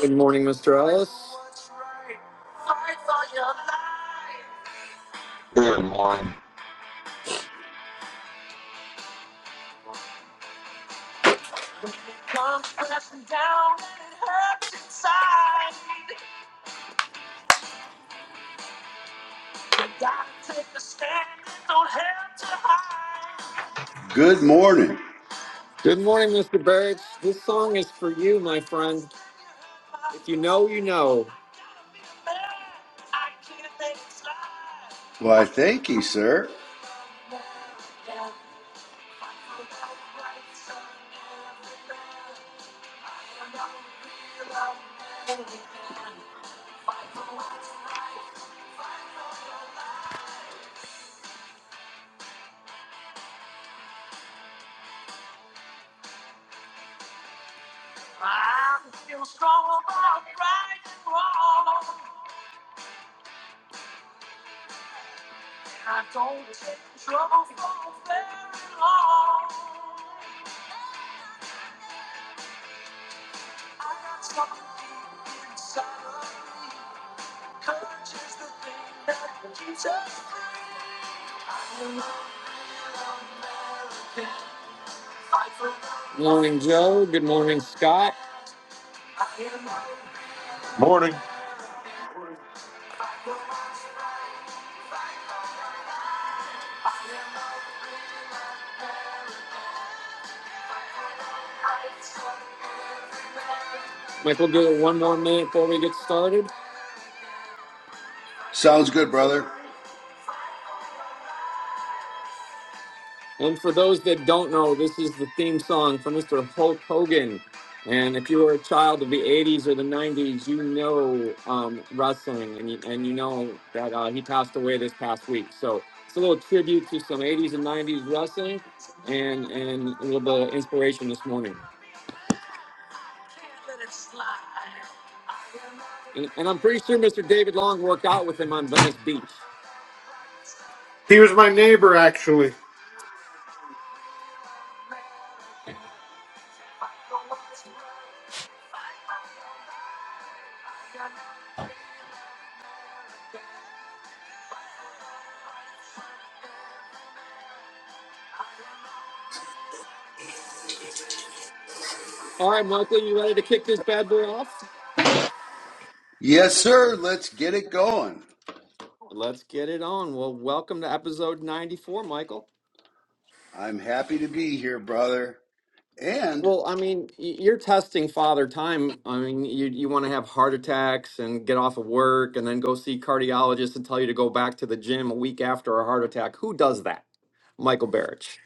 Good morning, Mr. Ellis. Good morning. Good morning, Mr. Birch. This song is for you, my friend. If you know, you know. Why, thank you, sir. Morning, Joe. Good morning, Scott. Morning. Michael, give it one more minute before we get started. Sounds good, brother. And for those that don't know, this is the theme song from Mr. Hulk Hogan. And if you were a child of the 80s or the 90s, you know um, wrestling and you, and you know that uh, he passed away this past week. So it's a little tribute to some 80s and 90s wrestling and, and a little bit of inspiration this morning. And, and I'm pretty sure Mr. David Long worked out with him on Venice Beach. He was my neighbor, actually. All right, Michael, you ready to kick this bad boy off? Yes, sir. Let's get it going. Let's get it on. Well, welcome to episode 94, Michael. I'm happy to be here, brother. And, Well, I mean, y- you're testing father time. I mean, you you want to have heart attacks and get off of work and then go see cardiologists and tell you to go back to the gym a week after a heart attack. Who does that? Michael Barrich.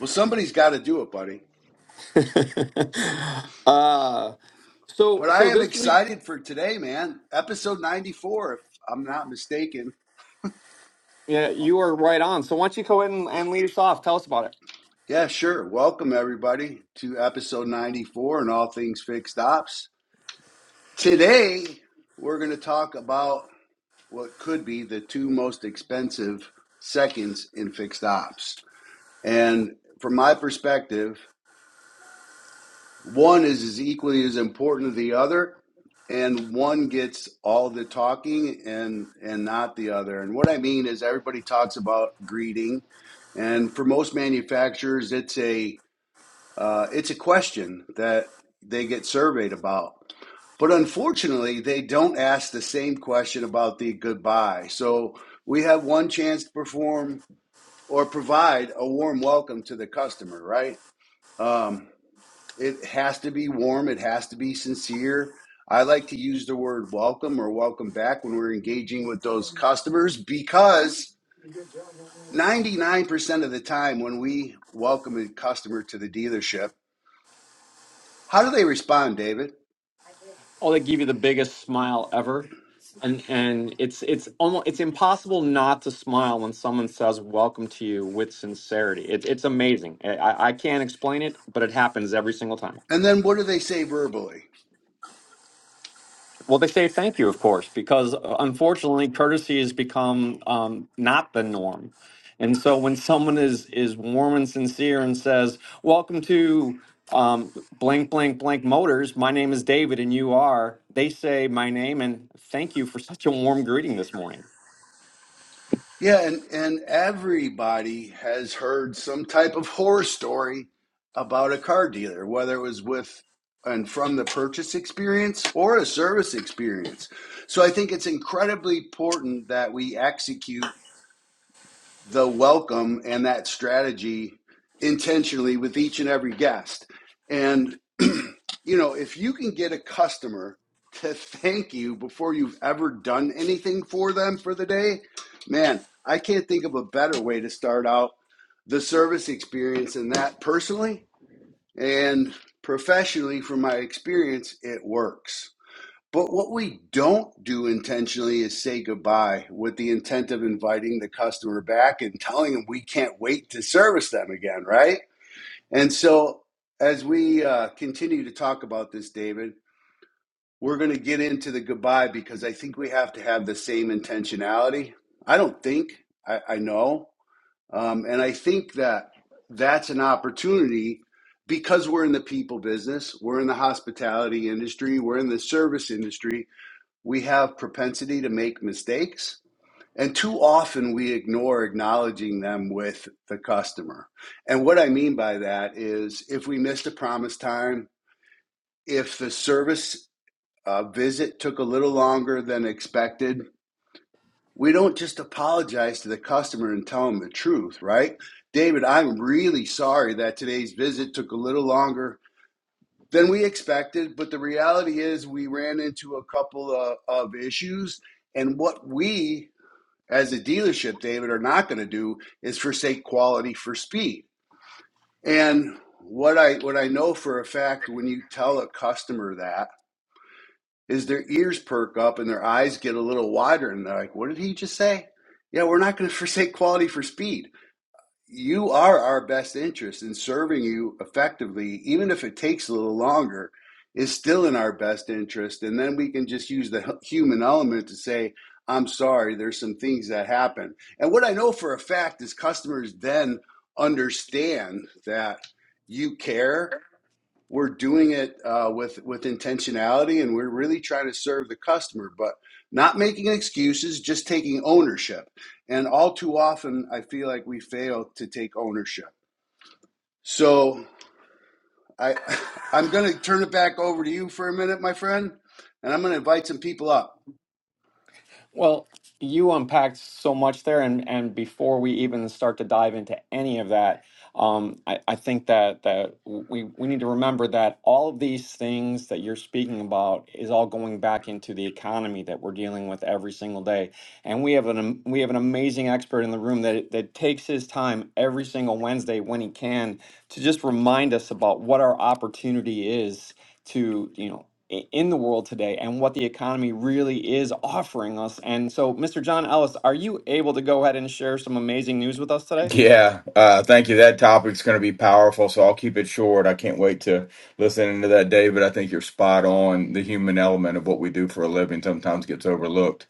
well, somebody's got to do it, buddy. uh, so But I so am this week, excited for today, man. Episode 94, if I'm not mistaken. yeah, you are right on. So why don't you go ahead and, and lead us off? Tell us about it. Yeah, sure. Welcome, everybody, to episode 94 and All Things Fixed Ops. Today, we're going to talk about what could be the two most expensive seconds in fixed ops. And from my perspective, one is as equally as important as the other, and one gets all the talking and and not the other. And what I mean is everybody talks about greeting, and for most manufacturers, it's a uh, it's a question that they get surveyed about. But unfortunately, they don't ask the same question about the goodbye. So we have one chance to perform or provide a warm welcome to the customer, right? Um, it has to be warm. It has to be sincere. I like to use the word welcome or welcome back when we're engaging with those customers because 99% of the time when we welcome a customer to the dealership, how do they respond, David? Oh, they give you the biggest smile ever. And and it's it's almost it's impossible not to smile when someone says welcome to you with sincerity. It's it's amazing. I, I I can't explain it, but it happens every single time. And then what do they say verbally? Well, they say thank you, of course, because uh, unfortunately, courtesy has become um, not the norm. And so, when someone is is warm and sincere and says, "Welcome to um, blank, blank, blank Motors. My name is David, and you are," they say my name and thank you for such a warm greeting this morning. Yeah, and, and everybody has heard some type of horror story about a car dealer, whether it was with and from the purchase experience or a service experience. So I think it's incredibly important that we execute the welcome and that strategy intentionally with each and every guest. And, you know, if you can get a customer to thank you before you've ever done anything for them for the day, man, I can't think of a better way to start out the service experience than that personally and professionally from my experience, it works. But what we don't do intentionally is say goodbye with the intent of inviting the customer back and telling them we can't wait to service them again, right? And so, as we uh, continue to talk about this, David, we're going to get into the goodbye because I think we have to have the same intentionality. I don't think, I, I know. Um, and I think that that's an opportunity because we're in the people business, we're in the hospitality industry, we're in the service industry we have propensity to make mistakes and too often we ignore acknowledging them with the customer and what i mean by that is if we missed a promise time if the service uh, visit took a little longer than expected we don't just apologize to the customer and tell them the truth right david i'm really sorry that today's visit took a little longer than we expected but the reality is we ran into a couple of, of issues and what we as a dealership, David, are not going to do is forsake quality for speed. And what I what I know for a fact when you tell a customer that is their ears perk up and their eyes get a little wider and they're like, "What did he just say?" Yeah, we're not going to forsake quality for speed you are our best interest and serving you effectively, even if it takes a little longer, is still in our best interest. And then we can just use the hu- human element to say, I'm sorry, there's some things that happen. And what I know for a fact is customers then understand that you care we're doing it uh, with with intentionality and we're really trying to serve the customer but not making excuses just taking ownership and all too often i feel like we fail to take ownership so i i'm going to turn it back over to you for a minute my friend and i'm going to invite some people up Well, you unpacked so much there, and and before we even start to dive into any of that, um, I, I think that that we we need to remember that all of these things that you're speaking about is all going back into the economy that we're dealing with every single day, and we have an am- we have an amazing expert in the room that that takes his time every single Wednesday when he can to just remind us about what our opportunity is to you know i- in the world today and what the economy really is offering us. And so, Mr. John Ellis, are you able to go ahead and share some amazing news with us today? Yeah, uh, thank you. That topic's going to be powerful, so I'll keep it short. I can't wait to listen into that, David. I think you're spot on. The human element of what we do for a living sometimes gets overlooked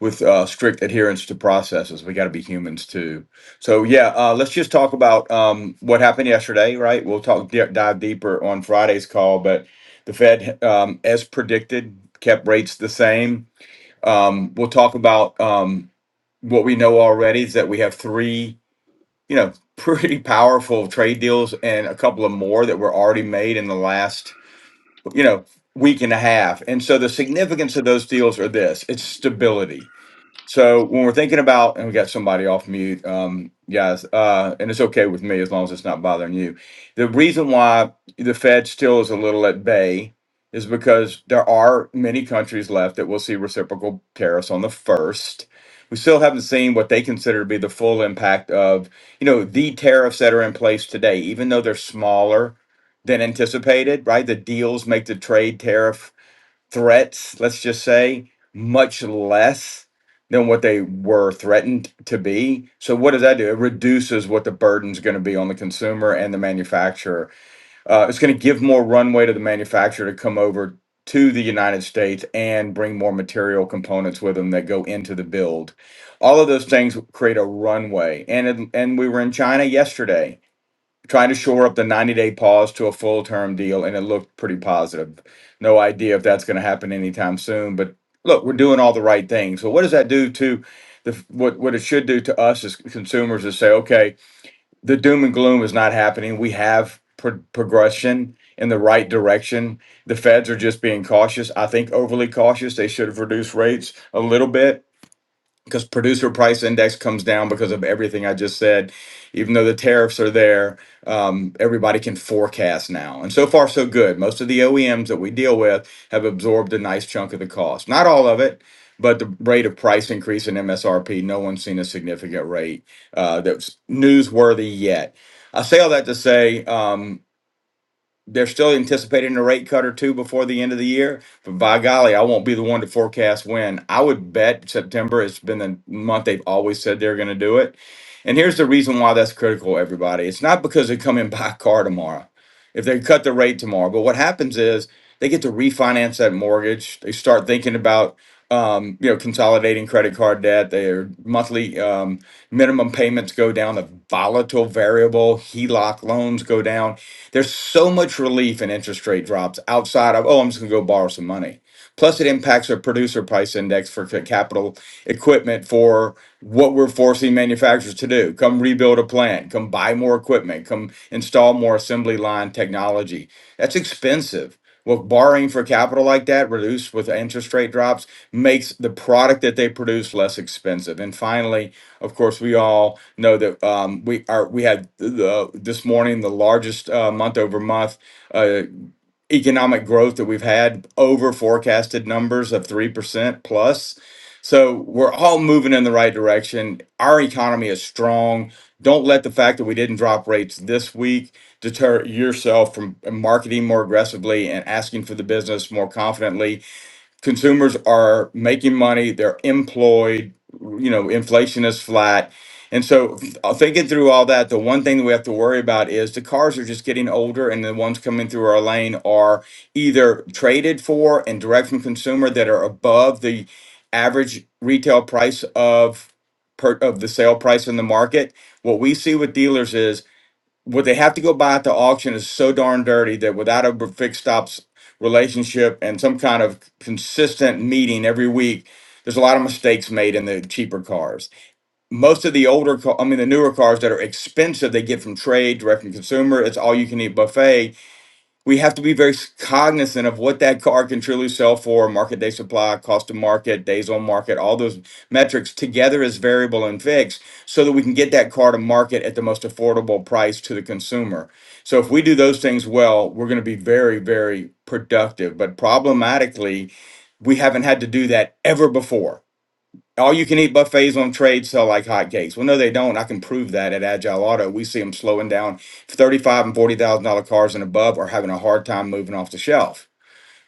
with uh, strict adherence to processes. We got to be humans too. So, yeah, uh, let's just talk about um, what happened yesterday, right? We'll talk di- dive deeper on Friday's call, but the Fed, um, as predicted, kept rates the same. Um, we'll talk about um, what we know already is that we have three. you know, pretty powerful trade deals and a couple of more that were already made in the last, you know, week and a half. And so the significance of those deals are this it's stability. So when we're thinking about, and we got somebody off mute, um, guys, uh, and it's okay with me as long as it's not bothering you. The reason why the Fed still is a little at bay is because there are many countries left that will see reciprocal tariffs on the first. We still haven't seen what they consider to be the full impact of, you know, the tariffs that are in place today, even though they're smaller than anticipated, right? The deals make the trade tariff threats, let's just say, much less than what they were threatened to be. So what does that do? It reduces what the burden's going to be on the consumer and the manufacturer. Uh, it's going to give more runway to the manufacturer to come over to the United States and bring more material components with them that go into the build. All of those things create a runway. And it, and we were in China yesterday trying to shore up the 90 day pause to a full term deal, and it looked pretty positive. No idea if that's going to happen anytime soon, but look, we're doing all the right things. So, what does that do to the what, what it should do to us as consumers is say, okay, the doom and gloom is not happening. We have pro- progression in the right direction. The feds are just being cautious, I think overly cautious. They should have reduced rates a little bit because producer price index comes down because of everything I just said. Even though the tariffs are there, um, everybody can forecast now. And so far, so good. Most of the OEMs that we deal with have absorbed a nice chunk of the cost. Not all of it, but the rate of price increase in MSRP, no one's seen a significant rate uh, that's newsworthy yet. I say all that to say, um, they're still anticipating a rate cut or two before the end of the year. But by golly, I won't be the one to forecast when. I would bet September it has been the month they've always said they're going to do it. And here's the reason why that's critical, everybody. It's not because they come in buy a car tomorrow, if they cut the rate tomorrow. But what happens is they get to refinance that mortgage. They start thinking about um, you know consolidating credit card debt. Their monthly um, minimum payments go down. The volatile variable HELOC loans go down there's so much relief in interest rate drops outside of, oh, I'm just going to go borrow some money. Plus, it impacts our producer price index for ca- capital equipment for what we're forcing manufacturers to do. Come rebuild a plant, come buy more equipment, come install more assembly line technology. That's expensive. Well, borrowing for capital like that, reduced with interest rate drops, makes the product that they produce less expensive. And finally, of course, we all know that um, we are we had the, this morning the largest uh, month over month uh, economic growth that we've had over forecasted numbers of three percent plus. So we're all moving in the right direction. Our economy is strong. Don't let the fact that we didn't drop rates this week deter yourself from marketing more aggressively and asking for the business more confidently consumers are making money they're employed you know inflation is flat and so uh, thinking through all that the one thing that we have to worry about is the cars are just getting older and the ones coming through our lane are either traded for and direct from consumer that are above the average retail price of per, of the sale price in the market what we see with dealers is what they have to go buy at the auction is so darn dirty that without a fixed stops relationship and some kind of consistent meeting every week, there's a lot of mistakes made in the cheaper cars. Most of the older, ca- I mean, the newer cars that are expensive, they get from trade, direct from consumer. It's all you can eat buffet we have to be very cognizant of what that car can truly sell for market day supply cost to market days on market all those metrics together as variable and fixed so that we can get that car to market at the most affordable price to the consumer so if we do those things well we're going to be very very productive but problematically we haven't had to do that ever before all you can eat buffets on trade sell like hotcakes. Well, no, they don't. I can prove that at Agile Auto. We see them slowing down thirty-five and forty thousand dollar cars and above are having a hard time moving off the shelf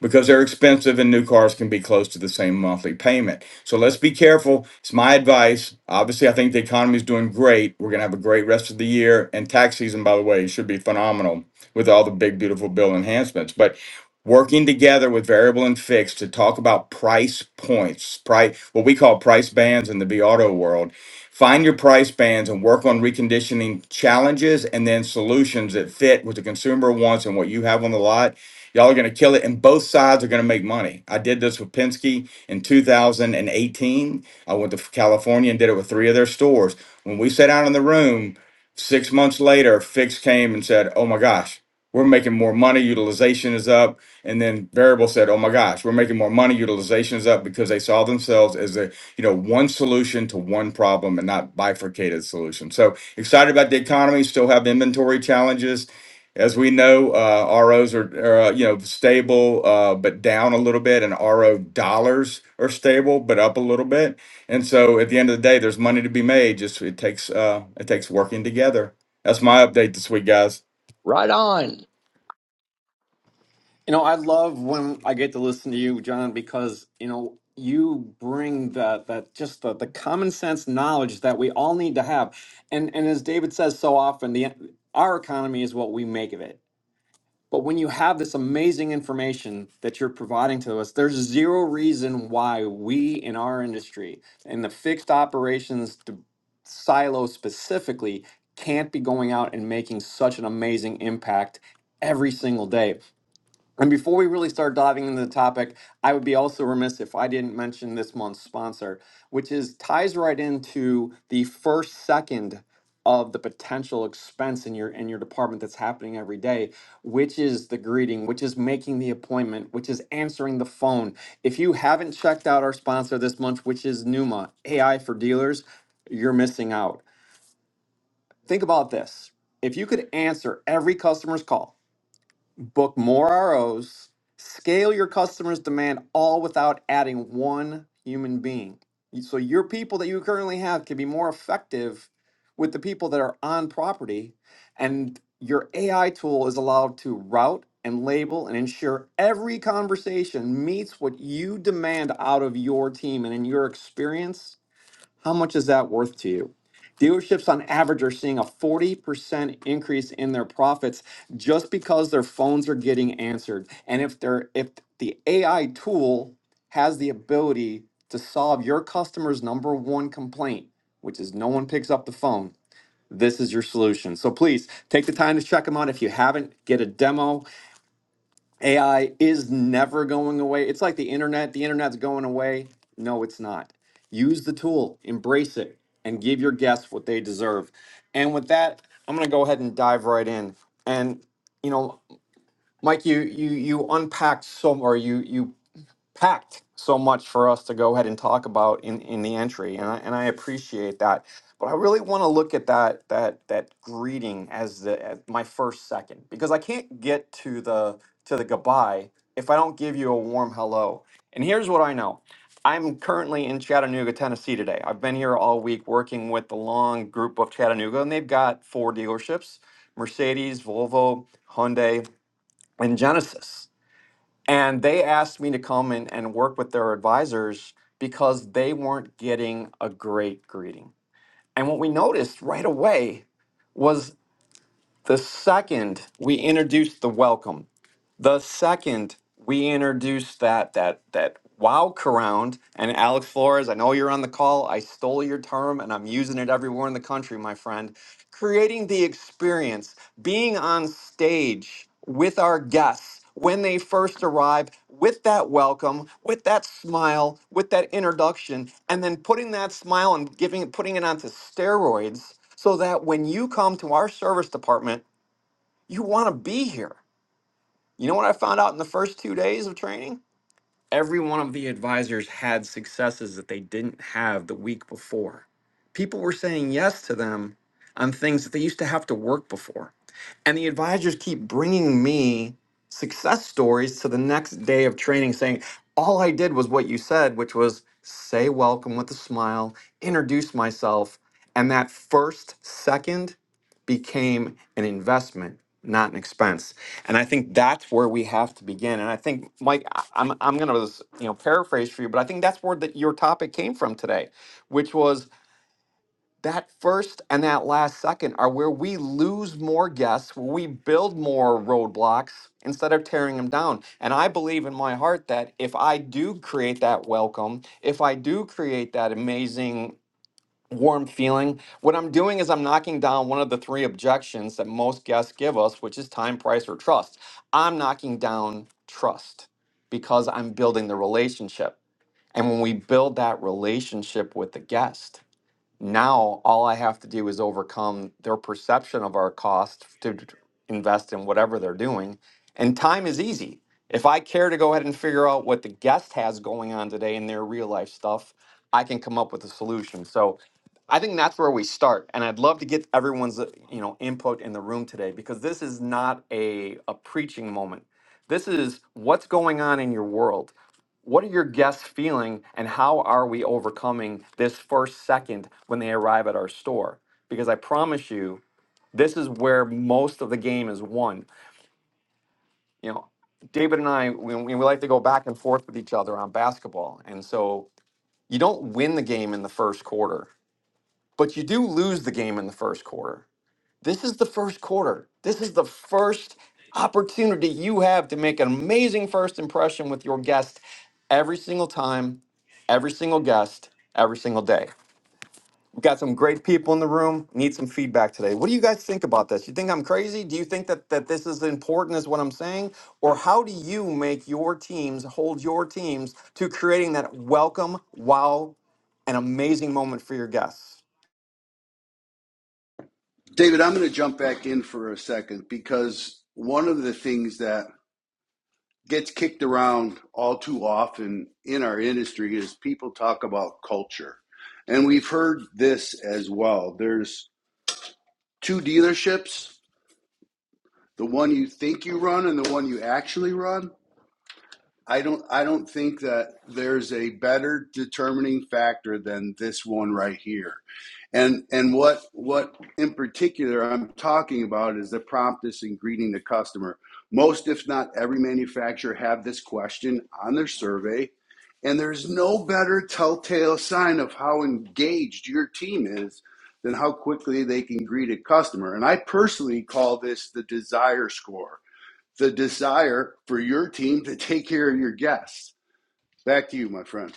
because they're expensive and new cars can be close to the same monthly payment. So let's be careful. It's my advice. Obviously, I think the economy is doing great. We're going to have a great rest of the year. And tax season, by the way, should be phenomenal with all the big, beautiful bill enhancements. But working together with variable and fixed to talk about price points, price, what we call price bands in the B auto world. Find your price bands and work on reconditioning challenges and then solutions that fit what the consumer wants and what you have on the lot Y'all are going to kill it, and both sides are going to make money. I did this with Penske in 2018. I went to California and did it with three of their stores. When we sat down in the room six months later, Fix came and said, Oh my gosh, we're making more money. Utilization is up. And then Variable said, Oh my gosh, we're making more money. Utilization is up because they saw themselves as a you know one solution to one problem and not bifurcated solution. So excited about the economy. Still have inventory challenges as we know, uh, ROs are, are uh, you know stable uh, but down a little bit, and RO dollars are stable but up a little bit. And so, at the end of the day, there's money to be made. Just it takes uh, it takes working together. That's my update this week, guys. Right on. You know, I love when I get to listen to you, John, because you know you bring that that just the, the common sense knowledge that we all need to have. And and as David says so often, the our economy is what we make of it. But when you have this amazing information that you're providing to us, there's zero reason why we in our industry, in the fixed operations d- silo specifically, can't be going out and making such an amazing impact every single day. And before we really start diving into the topic, I would be also remiss if I didn't mention this month's sponsor, which is ties right into the first second of the potential expense in your in your department that's happening every day, which is the greeting, which is making the appointment, which is answering the phone. If you haven't checked out our sponsor this month, which is Numa, AI for dealers, you're missing out. Think about this. If you could answer every customer's call, book more ROs, scale your customers' demand all without adding one human being. So your people that you currently have can be more effective with the people that are on property, and your AI tool is allowed to route and label and ensure every conversation meets what you demand out of your team and in your experience how much is that worth to you? Dealerships on average are seeing a 40% increase in their profits just because their phones are getting answered. And if they're if the AI tool has the ability to solve your customer's number one complaint, which is no one picks up the phone, this is your solution. So please take the time to check them out. If you haven't, get a demo. AI is never going away. It's like the internet. The internet's going away. No, it's not. Use the tool, embrace it, and give your guests what they deserve. And with that, I'm going to go ahead and dive right in. And you know, Mike, you you you unpacked so, or you you packed so much for us to go ahead and talk about in, in the entry and I, and I appreciate that but I really want to look at that that that greeting as the as my first second because I can't get to the to the goodbye if I don't give you a warm hello and here's what I know I'm currently in Chattanooga Tennessee today I've been here all week working with the long group of Chattanooga and they've got four dealerships Mercedes Volvo Hyundai and Genesis and they asked me to come and, and work with their advisors because they weren't getting a great greeting. And what we noticed right away was the second we introduced the welcome. The second we introduced that that that wow around and Alex Flores, I know you're on the call. I stole your term and I'm using it everywhere in the country, my friend. Creating the experience, being on stage with our guests when they first arrive with that welcome, with that smile, with that introduction, and then putting that smile and giving putting it onto steroids so that when you come to our service department, you want to be here you know what I found out in the first two days of training? Every one of the advisors had successes that they didn't have the week before. People were saying yes to them on things that they used to have to work before. And the advisors keep bringing me success stories to the next day of training saying, all I did was what you said, which was say welcome with a smile, introduce myself. And that first second became an investment, not an expense. And I think that's where we have to begin. And I think, Mike, I- I'm, I'm going to you know paraphrase for you, but I think that's where that your topic came from today, which was that first and that last second are where we lose more guests, where we build more roadblocks instead of tearing them down. And I believe in my heart that if I do create that welcome, if I do create that amazing warm feeling, what I'm doing is I'm knocking down one of the three objections that most guests give us, which is time, price, or trust. I'm knocking down trust because I'm building the relationship. And when we build that relationship with the guest, now all I have to do is overcome their perception of our cost to d- invest in whatever they're doing. And time is easy. If I care to go ahead and figure out what the guest has going on today in their real life stuff, I can come up with a solution. So I think that's where we start. And I'd love to get everyone's uh, you know input in the room today because this is not a, a preaching moment. This is what's going on in your world what are your guests feeling, and how are we overcoming this first second when they arrive at our store? Because I promise you, this is where most of the game is won. You know, David and I, we, we like to go back and forth with each other on basketball. And so you don't win the game in the first quarter, but you do lose the game in the first quarter this is the first quarter. This is the first opportunity you have to make an amazing first impression with your guest every single time, every single guest, every single day. We've got some great people in the room. Need some feedback today. What do you guys think about this? You think I'm crazy? Do you think that, that this is important as what I'm saying? Or how do you make your teams hold your teams to creating that welcome, wow, and amazing moment for your guests? david i'm going to jump back in for a second because one of the things that gets kicked around all too often in our industry is people talk about culture. And we've heard this as well. There's two dealerships, the one you think you run and the one you actually run. I don't I don't think that there's a better determining factor than this one right here. And and what what in particular I'm talking about is the promptness in greeting the customer. Most, if not every manufacturer, have this question on their survey, and there's no better telltale sign of how engaged your team is than how quickly they can greet a customer. And I personally call this the desire score, the desire for your team to take care of your guests. Back to you, my friend.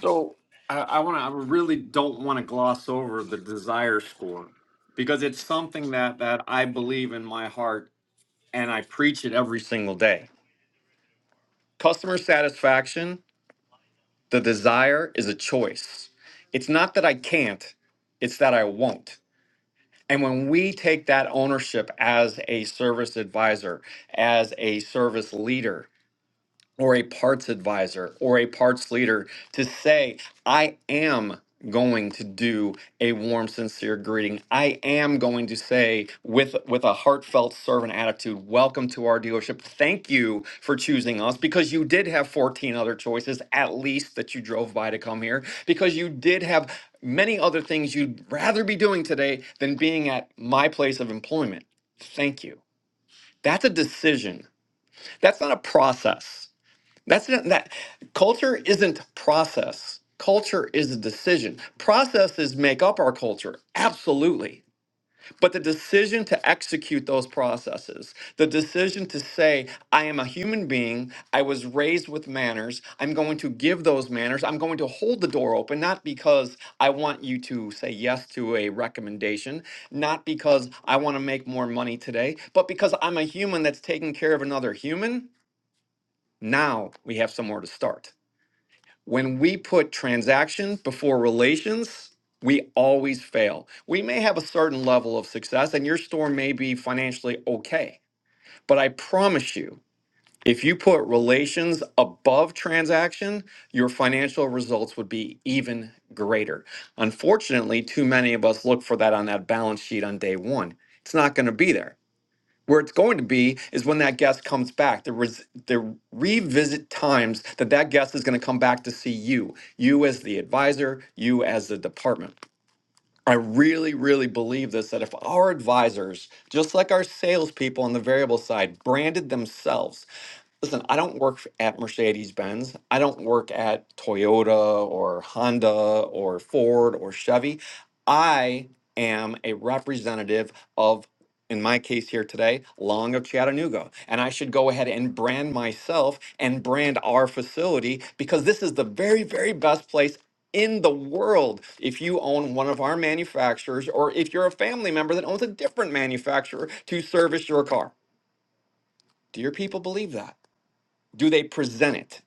So I, I want to. I really don't want to gloss over the desire score because it's something that that I believe in my heart and I preach it every single day. Customer satisfaction, the desire is a choice. It's not that I can't, it's that I won't. And when we take that ownership as a service advisor, as a service leader, or a parts advisor or a parts leader to say, I am going to do a warm, sincere greeting. I am going to say with with a heartfelt servant attitude, welcome to our dealership. Thank you for choosing us because you did have 14 other choices at least that you drove by to come here because you did have many other things you'd rather be doing today than being at my place of employment. Thank you. That's a decision. That's not a process. That's not that culture isn't process. Culture is a decision. Processes make up our culture, absolutely. But the decision to execute those processes, the decision to say, I am a human being, I was raised with manners, I'm going to give those manners, I'm going to hold the door open, not because I want you to say yes to a recommendation, not because I want to make more money today, but because I'm a human that's taking care of another human. Now we have somewhere to start when we put transaction before relations, we always fail. We may have a certain level of success and your store may be financially okay. But I promise you, if you put relations above transaction, your financial results would be even greater. Unfortunately, too many of us look for that on that balance sheet on day one. It's not going to be there. Where it's going to be is when that guest comes back. The, res- the revisit times that that guest is going to come back to see you, you as the advisor, you as the department. I really, really believe this that if our advisors, just like our salespeople on the variable side, branded themselves Listen, I don't work at Mercedes Benz. I don't work at Toyota or Honda or Ford or Chevy. I am a representative of, in my case here today, Long of Chattanooga. And I should go ahead and brand myself and brand our facility because this is the very, very best place. In the world, if you own one of our manufacturers, or if you're a family member that owns a different manufacturer to service your car, do your people believe that? Do they present it?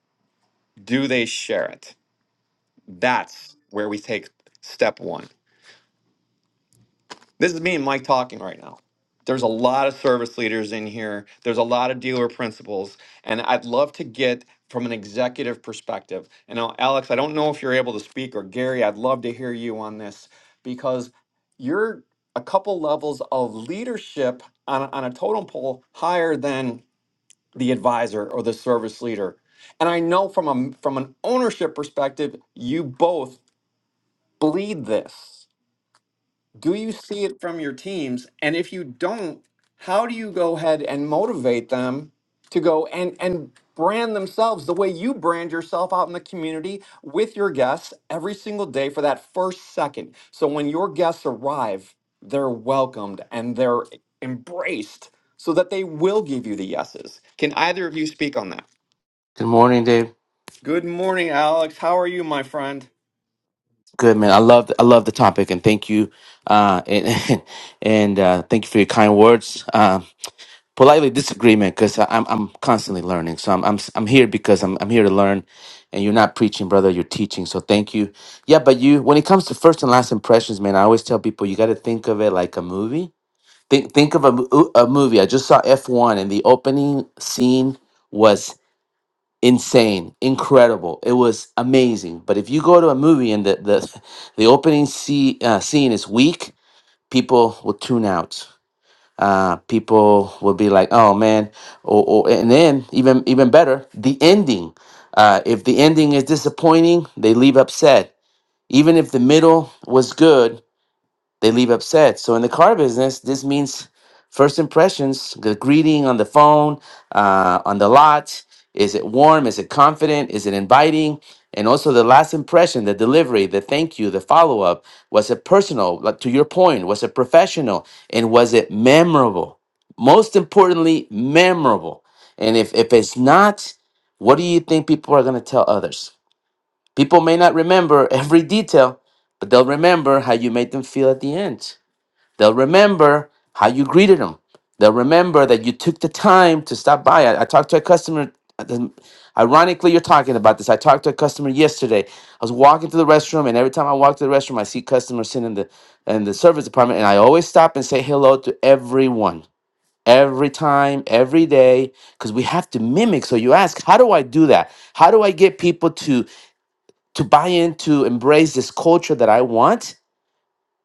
Do they share it? That's where we take step one. This is me and Mike talking right now. There's a lot of service leaders in here, there's a lot of dealer principals, and I'd love to get from an executive perspective. And now, Alex, I don't know if you're able to speak, or Gary, I'd love to hear you on this because you're a couple levels of leadership on, a- on a totem pole higher than the advisor or the service leader. And I know from a from an ownership perspective, you both bleed this. Do you see it from your teams? And if you don't, how do you go ahead and motivate them to go and and brand themselves the way you brand yourself out in the community with your guests every single day for that first second. So when your guests arrive, they're welcomed and they're embraced so that they will give you the yeses. Can either of you speak on that? Good morning, Dave. Good morning, Alex. How are you, my friend? Good man. I love I love the topic, and thank you, uh, and and uh, thank you for your kind words. Um, politely disagreement because I'm I'm constantly learning, so I'm I'm I'm here because I'm I'm here to learn, and you're not preaching, brother. You're teaching, so thank you. Yeah, but you when it comes to first and last impressions, man, I always tell people you got to think of it like a movie. Think think of a mo- a movie. I just saw F1, and the opening scene was insane, incredible. It was amazing. But if you go to a movie and the the, the opening see, uh, scene is weak, people will tune out. Uh, people will be like, "Oh man!" Or, or and then even even better, the ending. Uh, if the ending is disappointing, they leave upset. Even if the middle was good, they leave upset. So in the car business, this means first impressions, the greeting on the phone, uh, on the lot. Is it warm? Is it confident? Is it inviting? And also the last impression, the delivery, the thank you, the follow up. Was it personal? Like to your point, was it professional? And was it memorable? Most importantly, memorable. And if, if it's not, what do you think people are going to tell others? People may not remember every detail, but they'll remember how you made them feel at the end. They'll remember how you greeted them. They'll remember that you took the time to stop by. I, I talked to a customer. um, Ironically, you're talking about this. I talked to a customer yesterday. I was walking to the restroom, and every time I walk to the restroom, I see customers sitting in the in the service department, and I always stop and say hello to everyone, every time, every day, because we have to mimic. So you ask, how do I do that? How do I get people to to buy into embrace this culture that I want?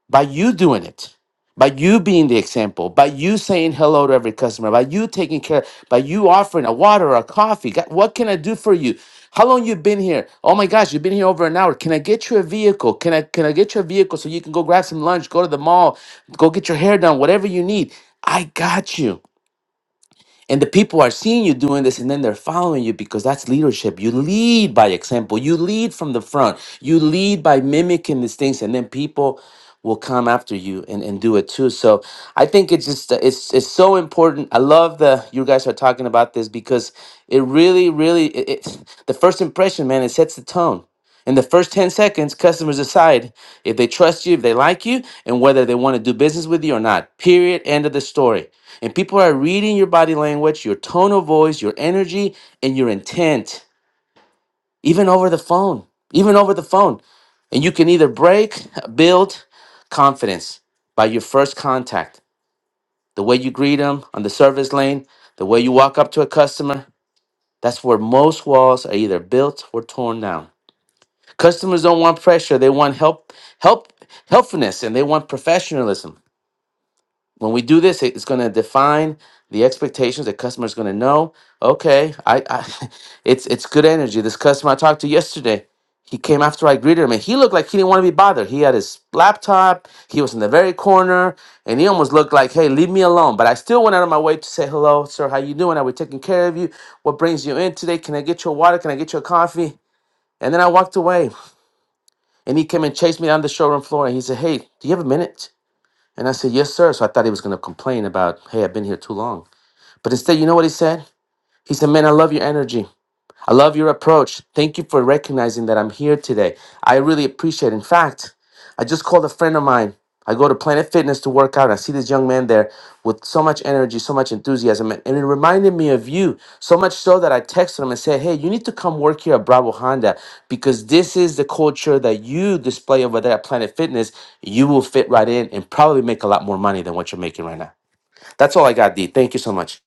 by you doing it, by you being the example, by you saying hello to every customer, by you taking care, by you offering a water or a coffee. God, what can I do for you? How long you been here? Oh my gosh, you've been here over an hour. Can I get you a vehicle? Can I can I get you a vehicle so you can go grab some lunch, go to the mall, go get your hair done, whatever you need. I got you. And the people are seeing you doing this and then they're following you because that's leadership. You lead by example, you lead from the front, you lead by mimicking these things, and then people will come after you and, and do it too. So I think it's just it's it's so important. I love the you guys are talking about this because it really, really it, it's the first impression, man, it sets the tone. In the first 10 seconds, customers decide if they trust you, if they like you, and whether they want to do business with you or not. Period. End of the story. And people are reading your body language, your tone of voice, your energy, and your intent, even over the phone, even over the phone. And you can either break, build confidence by your first contact, the way you greet them on the service lane, the way you walk up to a customer. That's where most walls are either built or torn down. Customers don't want pressure, they want help, help, helpfulness, and they want professionalism. when we do this, it's going to define the expectations. The customer is going to know, okay, I, I, it's it's good energy. This customer I talked to yesterday, he came after I greeted him, and he looked like he didn't want to be bothered. He had his laptop, he was in the very corner, and he almost looked like, hey, leave me alone. But I still went out of my way to say hello, sir. How you doing? Are we taking care of you? What brings you in today? Can I get you a water? Can I get you a coffee? And then I walked away, and he came and chased me down the showroom floor, and he said, hey, do you have a minute? And I said, Yes, sir. So I thought he was going to complain about, Hey, I've been here too long. But instead, you know what he said? He said, Man, I love your energy. I love your approach. Thank you for recognizing that I'm here today. I really appreciate it. In fact, I just called a friend of mine. I go to Planet Fitness to work out. and I see this young man there with so much energy, so much enthusiasm, and and it reminded me of you. So much so that I texted him and said, Hey, you need to come work here at Bravo Honda because this is the culture that you display over there at Planet Fitness. You will fit right in and probably make a lot more money than what you're making right now. That's all I got, D. Thank you so much.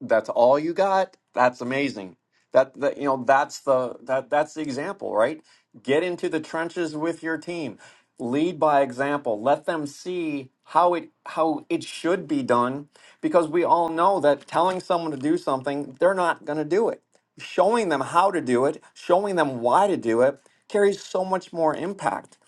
That's all you got? That's amazing. That, that you know, that's the that that's the example, right? Get into the trenches with your team. Lead by example. Let them see how it how it should be done because we all know that telling someone to do something, they're not going to do it. Showing them how to do it, showing them why to do it carries so much more impact.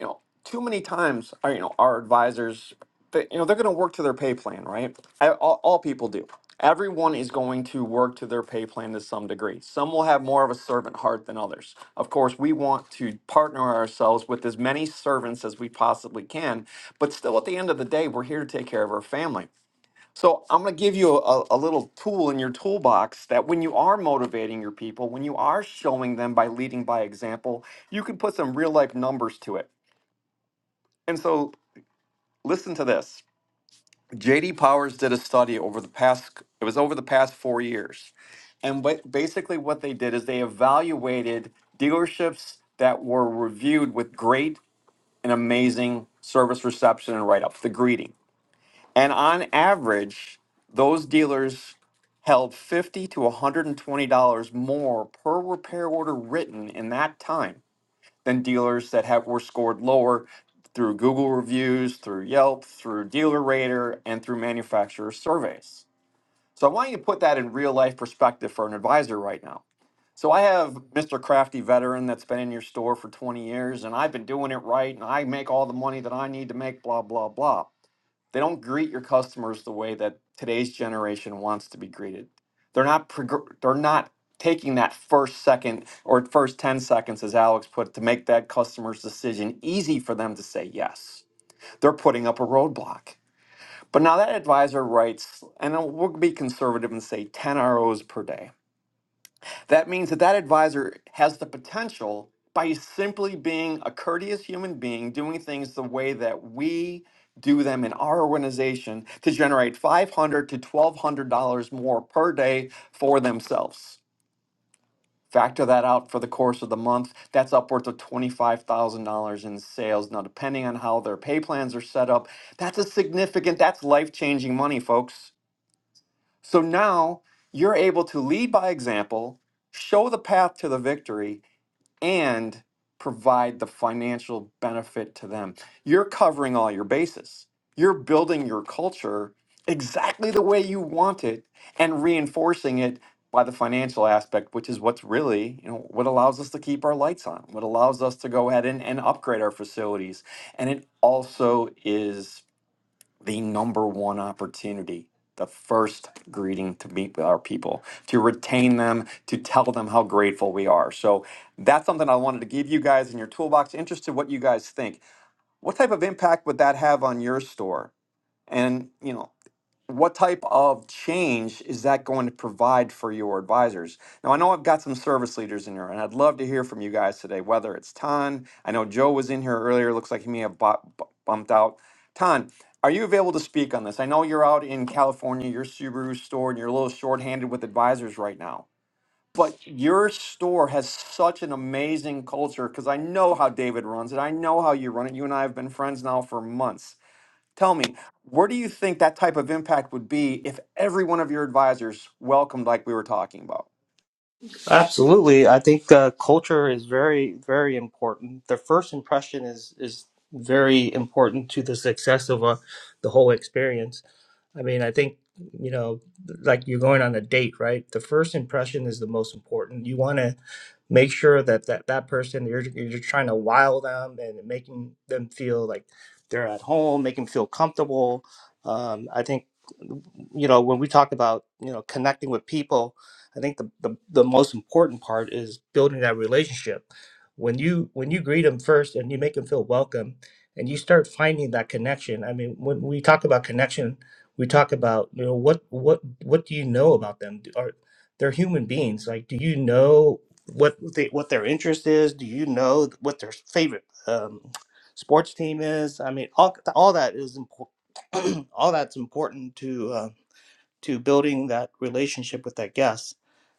you know, too many times, our, you know, our advisors, they, you know, they're going to work to their pay plan, right? I, all, all people do. Everyone is going to work to their pay plan to some degree. Some will have more of a servant heart than others. Of course, we want to partner ourselves with as many servants as we possibly can, but still, at the end of the day, we're here to take care of our family. So I'm going to give you a, a little tool in your toolbox that when you are motivating your people, when you are showing them by leading by example, you can put some real life numbers to it. And so listen to this. JD Powers did a study over the past it was over the past 4 years. And what basically what they did is they evaluated dealerships that were reviewed with great and amazing service reception and write up, the greeting. And on average, those dealers held 50 to $120 more per repair order written in that time than dealers that have were scored lower through Google reviews, through Yelp, through Dealer Rater, and through manufacturer surveys. So I want you to put that in real life perspective for an advisor right now. So I have Mr. Crafty veteran that's been in your store for 20 years and I've been doing it right and I make all the money that I need to make, blah, blah, blah. They don't greet your customers the way that today's generation wants to be greeted. They're not prog- they're not taking that first second or first 10 seconds as Alex put it, to make that customer's decision easy for them to say yes. They're putting up a roadblock. But now that advisor writes and we'll be conservative and say 10 ROs per day. That means that that advisor has the potential by simply being a courteous human being, doing things the way that we do them in our organization to generate 500 to $1,200 more per day for themselves. Factor that out for the course of the month, that's upwards of $25,000 in sales. Now, depending on how their pay plans are set up, that's a significant, that's life changing money, folks. So now you're able to lead by example, show the path to the victory, and provide the financial benefit to them. You're covering all your bases. You're building your culture exactly the way you want it and reinforcing it by the financial aspect, which is what's really, you know, what allows us to keep our lights on, what allows us to go ahead and, and upgrade our facilities. And it also is the number one opportunity, the first greeting to meet with our people, to retain them, to tell them how grateful we are. So that's something I wanted to give you guys in your toolbox. Interested what you guys think. What type of impact would that have on your store? And you know, what type of change is that going to provide for your advisors? Now, I know I've got some service leaders in here, and I'd love to hear from you guys today, whether it's Tan. I know Joe was in here earlier. Looks like he may have bu- bu- bumped out. Tan, are you available to speak on this? I know you're out in California, your Subaru store, and you're a little short-handed with advisors right now. But your store has such an amazing culture because I know how David runs it. I know how you run it. You and I have been friends now for months Tell me, where do you think that type of impact would be if every one of your advisors welcomed like we were talking about? Absolutely. I think uh, culture is very, very important. The first impression is is very important to the success of uh, the whole experience. I mean, I think, you know, like you're going on a date, right? The first impression is the most important. You want to make sure that that, that person, you're, you're trying to wow them and making them feel like they're at home, make them feel comfortable. Um, I think, you know, when we talk about, you know, connecting with people, I think the, the, the most important part is building that relationship. When you when you greet them first and you make them feel welcome and you start finding that connection. I mean, when we talk about connection, we talk about you know what what what do you know about them Do- are they're human beings like do you know what they, what their interest is do you know what their favorite um, sports team is i mean all, all that is important all that's important to uh, to building that relationship with that guest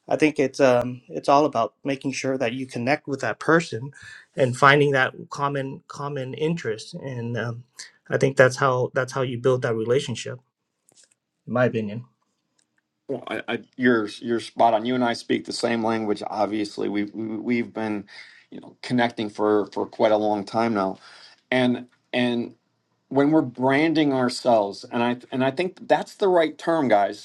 i think it's um it's all about making sure that you connect with that person and finding that common common interest and um, i think that's how that's how you build that relationship in my opinion. Well, I, I, you're you're spot on. You and I speak the same language. Obviously, we, we we've been, you know, connecting for for quite a long time now, and and when we're branding ourselves, and I and I think that's the right term, guys.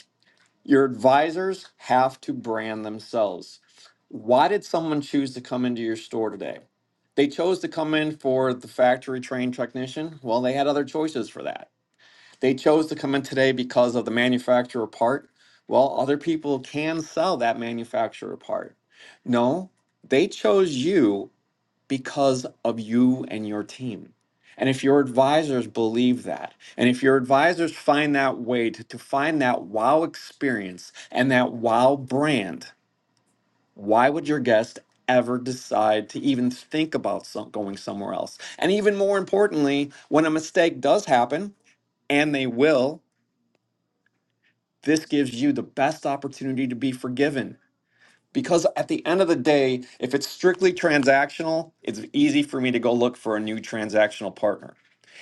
Your advisors have to brand themselves. Why did someone choose to come into your store today? They chose to come in for the factory trained technician. Well, they had other choices for that. They chose to come in today because of the manufacturer part. Well, other people can sell that manufacturer part. No, they chose you because of you and your team. And if your advisors believe that, and if your advisors find that way to, to find that wow experience and that wow brand, why would your guest ever decide to even think about some, going somewhere else? And even more importantly, when a mistake does happen, and they will, this gives you the best opportunity to be forgiven. Because at the end of the day, if it's strictly transactional, it's easy for me to go look for a new transactional partner.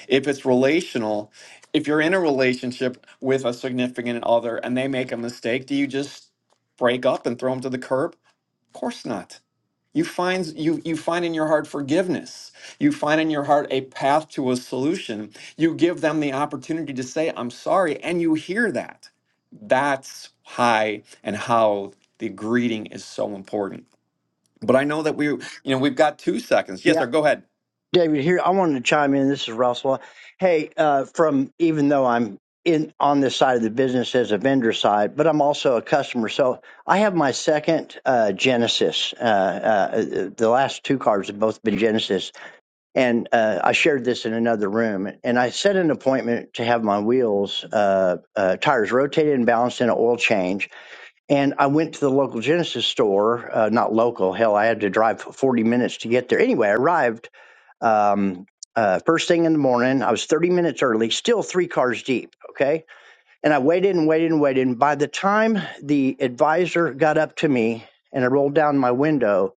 If it's relational, if you're in a relationship with a significant other and they make a mistake, do you just break up and throw them to the curb? Of course not. You find you you find in your heart forgiveness. You find in your heart a path to a solution. You give them the opportunity to say I'm sorry and you hear that. That's why and how the greeting is so important. But I know that we you know we've got 2 seconds. Yes, Yeah, sir, go ahead. David. Here, I wanted to chime in. This is Russell. Hey, uh, from even though I'm in on this side of the business as a vendor side, but I'm also a customer. So I have my second uh, Genesis. Uh, uh, the last two cars have both been Genesis, and uh, I shared this in another room. And I set an appointment to have my wheels, uh, uh, tires rotated and balanced, and an oil change. And I went to the local Genesis store, uh, not local, hell, I had to drive 40 minutes to get there. Anyway, I arrived um, uh, first thing in the morning. I was 30 minutes early, still three cars deep, okay? And I waited and waited and waited. And by the time the advisor got up to me and I rolled down my window,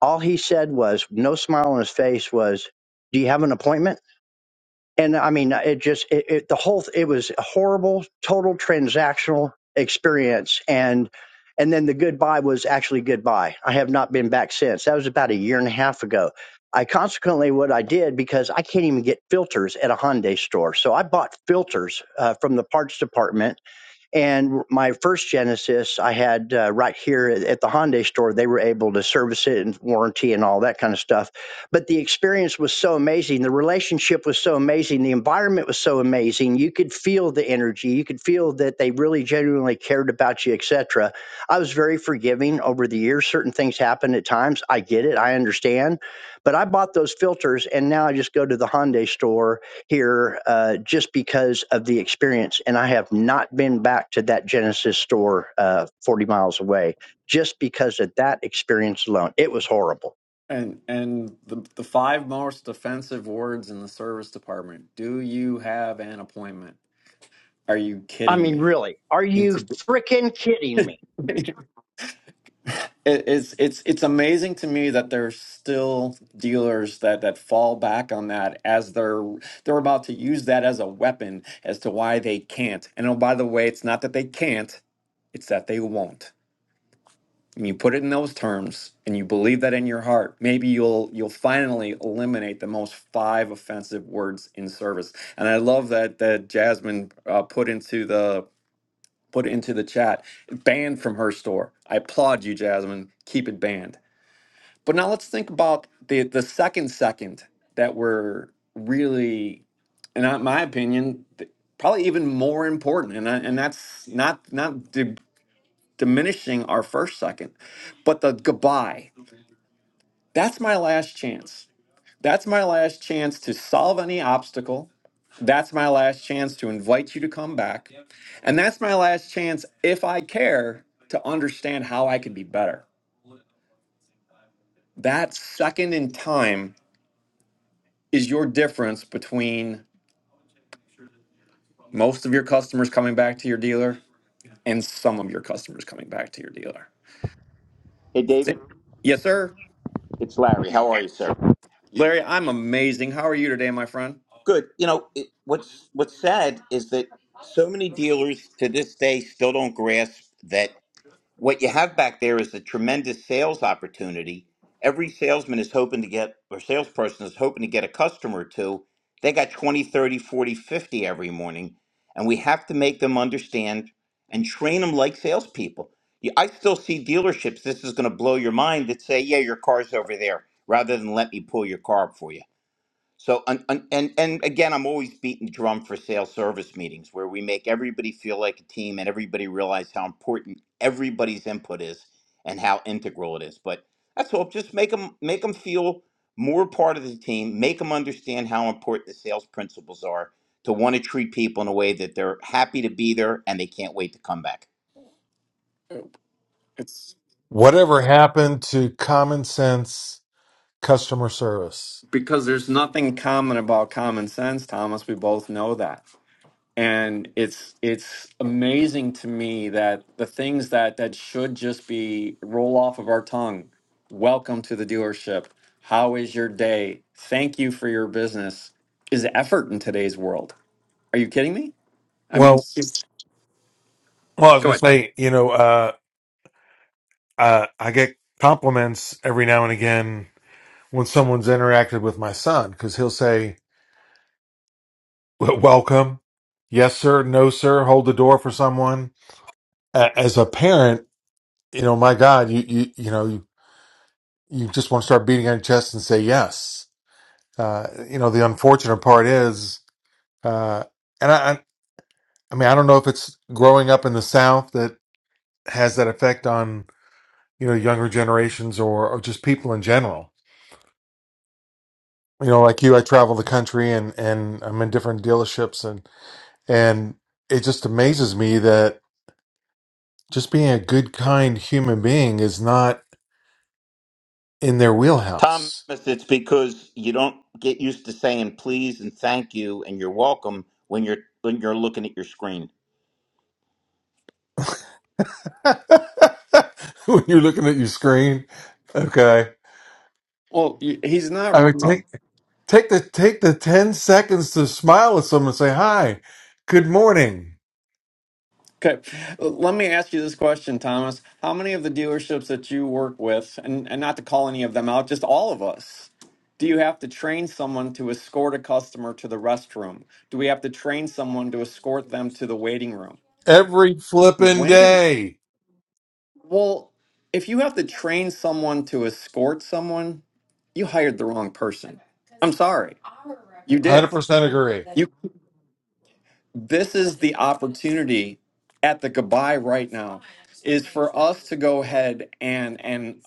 all he said was, no smile on his face, was, Do you have an appointment? and I mean, it just it, it the whole it was a horrible, total transactional experience, and and then the goodbye was actually goodbye. I have not been back since. That was about a year and a half ago. I consequently what I did because I can't even get filters at a Hyundai store, so I bought filters uh, from the parts department and my first Genesis, I had uh, right here at the Hyundai store. They were able to service it and warranty and all that kind of stuff. But the experience was so amazing. The relationship was so amazing. The environment was so amazing. You could feel the energy. You could feel that they really genuinely cared about you, etc. I was very forgiving over the years. Certain things happen at times. I get it. I understand. But I bought those filters, and now I just go to the Hyundai store here uh, just because of the experience. And I have not been back to that Genesis store uh, 40 miles away just because of that experience alone. It was horrible. And and the the five most offensive words in the service department. Do you have an appointment? Are you I kidding mean, me? really, are It's you freaking kidding me? it's it's it's amazing to me that there's still dealers that that fall back on that as they're they're about to use that as a weapon as to why they can't. And oh, by the way, it's not that they can't; it's that they won't. and you put it in those terms and you believe that in your heart maybe you'll you'll finally eliminate the most five offensive words in service and i love that that jasmine uh, put into the put into the chat banned from her store i applaud you jasmine keep it banned but now let's think about the the second second that we're really and in my opinion th- probably even more important and, I- and that's not not di- diminishing our first second but the goodbye that's my last chance. That's my last chance to solve any obstacle. That's my last chance to invite you to come back. Yep. And that's my last chance, if I care, to understand how I could be better. That second in time is your difference between most of your customers coming back to your dealer and some of your customers coming back to your dealer. Hey, Sa- David, Yes, sir. it's Larry. How are you, sir? Larry, I'm amazing. How are you today, my friend? Good. You know, it, what's what's sad is that so many dealers to this day still don't grasp that what you have back there is a tremendous sales opportunity. Every salesman is hoping to get, or salesperson is hoping to get a customer or two. They got 20, 30, 40, 50 every morning. And we have to make them understand and train them like salespeople. You- I still see dealerships, this is going to blow your mind, that say, yeah, your car's over there, rather than let me pull your car up for you. So and, and and and again, I'm always beating the drum for sales service meetings where we make everybody feel like a team and everybody realize how important everybody's input is and how integral it is. But that's all. Just make them make them feel more part of the team. Make them understand how important the sales principles are to want to treat people in a way that they're happy to be there and they can't wait to come back. Uh, It's Whatever happened to common sense customer service? Because there's nothing common about common sense, Thomas. We both know that. And it's it's amazing to me that the things that that should just be roll off of our tongue. Welcome to the dealership. How is your day? Thank you for your business. Is effort in today's world. Are you kidding me? I mean, Well, s- well, I was go going to ahead. say, you know, uh, uh, I get compliments every now and again when someone's interacted with my son because he'll say, "W- "Welcome," "Yes, sir," "No, sir," "Hold the door for someone." A- As a parent, you know, my God, you you you know, you, you just want to start beating on your chest and say yes. Uh, you know, the unfortunate part is, uh, and I, I I mean, I don't know if it's growing up in the South that has that effect on you know younger generations or, or just people in general you know like you i travel the country and and i'm in different dealerships and and it just amazes me that just being a good kind human being is not in their Thomas, wheelhouse it's because you don't get used to saying please and thank you and you're welcome when you're when you're looking at your screen. when you're looking at your screen okay Well, y- he's not i would take wrong. take the take the 10 seconds to smile at someone and say hi good morning Okay, let me ask you this question, Thomas. How many of the dealerships that you work with, and, and not to call any of them out, just all of us, do you have to train someone to escort a customer to the restroom? Do we have to train someone to escort them to the waiting room? every flippin' When did, day well, if you have to train someone to escort someone, you hired the wrong person. I'm sorry, you did. 100% agree You. this is the opportunity at the goodbye right now is for us to go ahead and and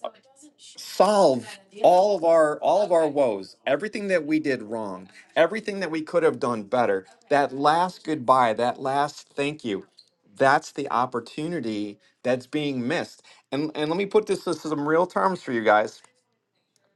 solve all of our all of our woes everything that we did wrong everything that we could have done better that last goodbye that last thank you that's the opportunity that's being missed and and let me put this to some real terms for you guys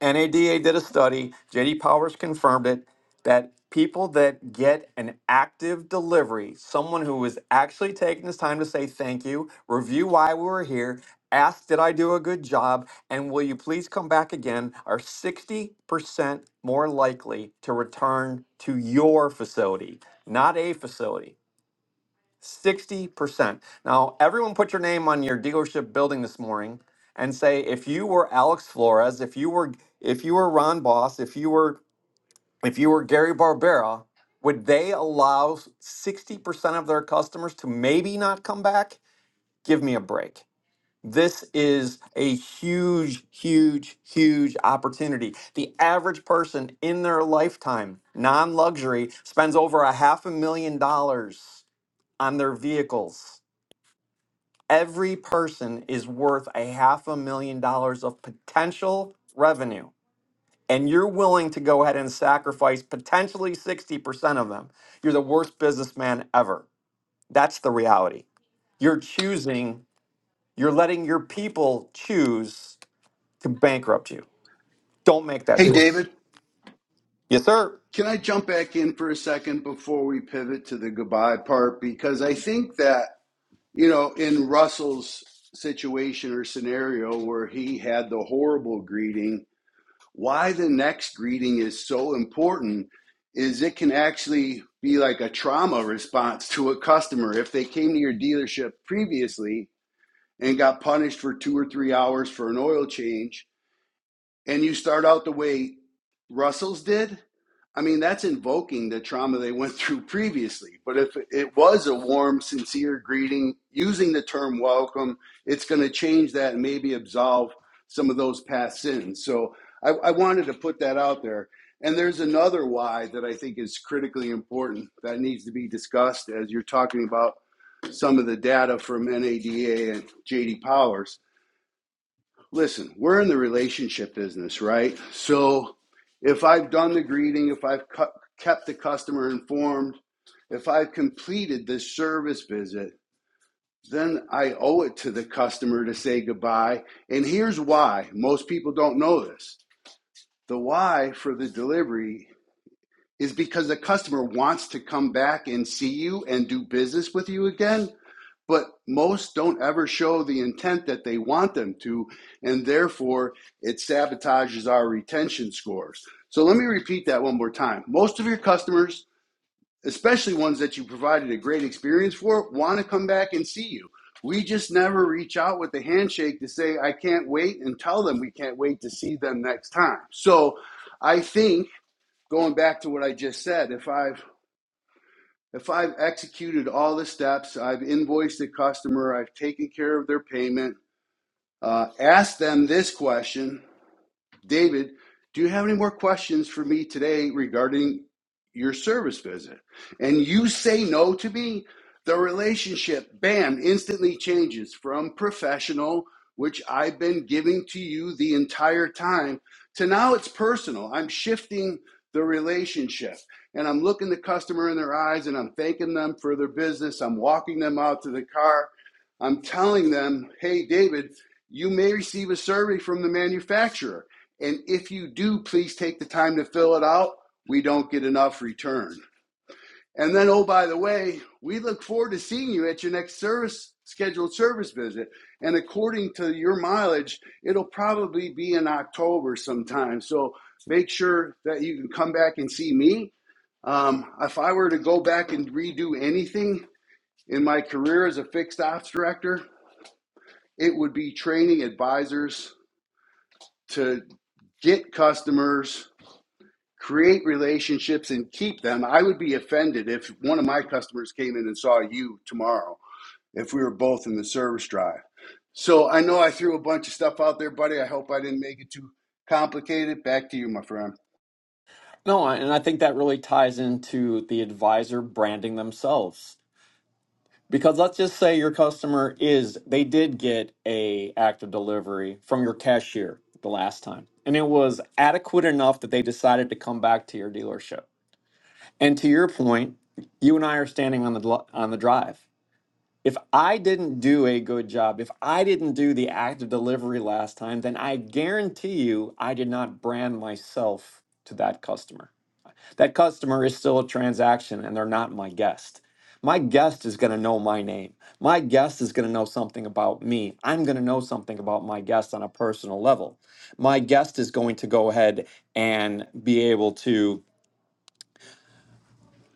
NADA did a study, JD Powers confirmed it, that people that get an active delivery, someone who is actually taking this time to say thank you, review why we were here, ask, did I do a good job, and will you please come back again, are 60% more likely to return to your facility, not a facility. 60%. Now, everyone put your name on your dealership building this morning and say if you were Alex Flores, if you were if you were Ron Boss, if you were if you were Gary Barbera, would they allow 60% of their customers to maybe not come back? Give me a break. This is a huge, huge, huge opportunity. The average person in their lifetime, non luxury, spends over a half a million dollars on their vehicles every person is worth a half a million dollars of potential revenue and you're willing to go ahead and sacrifice potentially 60% of them you're the worst businessman ever that's the reality you're choosing you're letting your people choose to bankrupt you don't make that Hey, It's choice David. yes sir Can I jump back in for a second before we pivot to the goodbye part? Because I think that, you know, in Russell's situation or scenario where he had the horrible greeting, why the next greeting is so important is it can actually be like a trauma response to a customer. If they came to your dealership previously and got punished for two or three hours for an oil change, and you start out the way Russell's did, I mean, that's invoking the trauma they went through previously. But if it was a warm, sincere greeting, using the term welcome, it's going to change that and maybe absolve some of those past sins. So I, I wanted to put that out there. And there's another why that I think is critically important that needs to be discussed as you're talking about some of the data from NADA and JD Powers Listen, we're in the relationship business, right? So if I've done the greeting, if I've cu- kept the customer informed, if I've completed this service visit, then I owe it to the customer to say goodbye. And here's why most people don't know this the why for the delivery is because the customer wants to come back and see you and do business with you again but most don't ever show the intent that they want them to, and therefore it sabotages our retention scores. So let me repeat that one more time. Most of your customers, especially ones that you provided a great experience for, want to come back and see you. We just never reach out with the handshake to say, I can't wait, and tell them we can't wait to see them next time. So I think going back to what I just said, if I've if I've executed all the steps, I've invoiced the customer, I've taken care of their payment, uh, ask them this question David, do you have any more questions for me today regarding your service visit? And you say no to me, the relationship, bam, instantly changes from professional, which I've been giving to you the entire time, to now it's personal. I'm shifting the relationship and I'm looking the customer in their eyes and I'm thanking them for their business. I'm walking them out to the car. I'm telling them, hey, David, you may receive a survey from the manufacturer and if you do, please take the time to fill it out. We don't get enough return. And then, oh, by the way, we look forward to seeing you at your next service scheduled service visit. And according to your mileage, it'll probably be in October sometime. So make sure that you can come back and see me. Um, if I were to go back and redo anything in my career as a fixed ops director, it would be training advisors to get customers create relationships and keep them. I would be offended if one of my customers came in and saw you tomorrow if we were both in the service drive. So I know I threw a bunch of stuff out there, buddy. I hope I didn't make it too complicated. Back to you, my friend. no and i think that really ties into the advisor branding themselves Because let's just say your customer is they did get a act of delivery from your cashier the last time and it was adequate enough that they decided to come back to your dealership. And to your point, you and I are standing on the dl- on the drive. If I didn't do a good job, if I didn't do the act of delivery last time, then I guarantee you I did not brand myself to that customer. That customer is still a transaction and they're not my guest. My guest is going to know my name. My guest is going to know something about me. I'm going to know something about my guest on a personal level. My guest is going to go ahead and be able to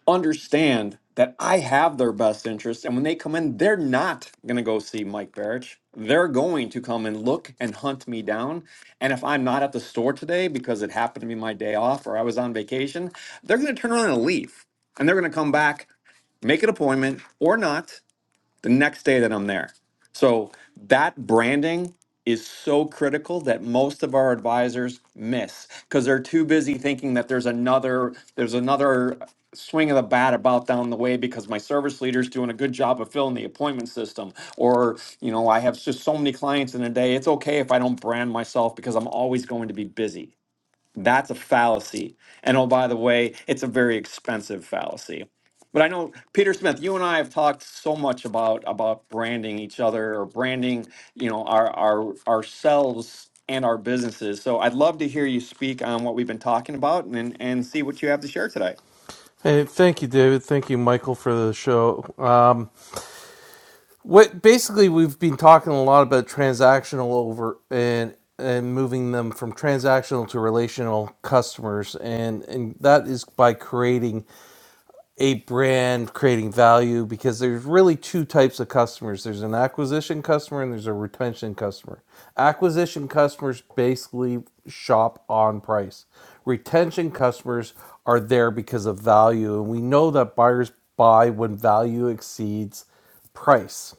understand that I have their best interest. And when they come in, they're not going to go see Mike Barrich. They're going to come and look and hunt me down. And if I'm not at the store today because it happened to be my day off or I was on vacation, they're going to turn around and leave. And they're going to come back, make an appointment or not the next day that I'm there. So that branding is so critical that most of our advisors miss because they're too busy thinking that there's another there's another swing of the bat about down the way because my service leader's doing a good job of filling the appointment system or you know I have just so many clients in a day it's okay if I don't brand myself because I'm always going to be busy that's a fallacy. And oh, by the way, it's a very expensive fallacy. But I know Peter Smith, you and I have talked so much about about branding each other or branding, you know, our our ourselves and our businesses. So I'd love to hear you speak on what we've been talking about and and see what you have to share today. Hey, thank you, David. Thank you, Michael, for the show. Um, what basically we've been talking a lot about transactional over and and moving them from transactional to relational customers, and and that is by creating a brand creating value because there's really two types of customers there's an acquisition customer and there's a retention customer acquisition customers basically shop on price retention customers are there because of value and we know that buyers buy when value exceeds price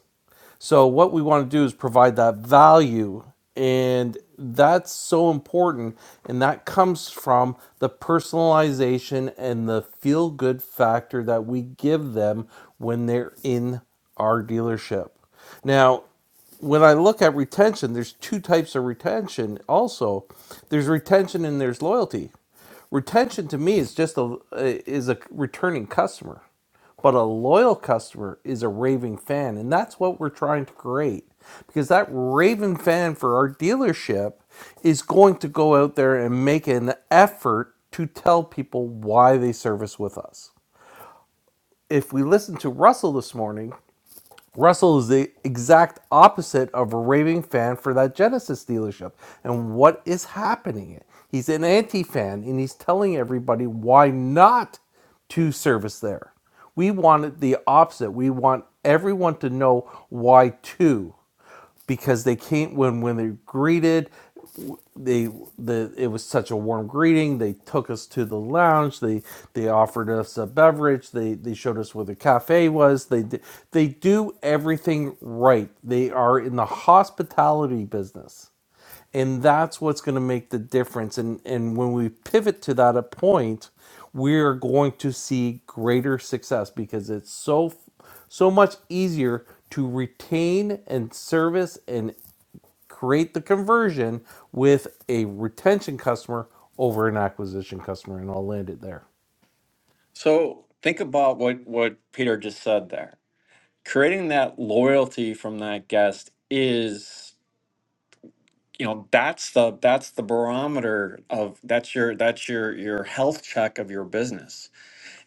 so what we want to do is provide that value and that's so important and that comes from the personalization and the feel good factor that we give them when they're in our dealership. Now, when I look at retention, there's two types of retention also. There's retention and there's loyalty. Retention to me is just a is a returning customer but a loyal customer is a raving fan, and that's what we're trying to create because that raving fan for our dealership is going to go out there and make an effort to tell people why they service with us. If we listen to Russell this morning, Russell is the exact opposite of a raving fan for that Genesis dealership. And what is happening? He's an anti fan and he's telling everybody why not to service there. We want the opposite. We want everyone to know why to because they can't when when they're greeted they the it was such a warm greeting. They took us to the lounge. They they offered us a beverage. They they showed us where the cafe was. They d- they do everything right. They are in the hospitality business. And that's what's going to make the difference. And and when we pivot to that a point, we're going to see greater success because it's so so much easier to retain and service and create the conversion with a retention customer over an acquisition customer, and I'll land it there. So think about what what Peter just said there. Creating that loyalty from that guest is you know that's the that's the barometer of that's your that's your your health check of your business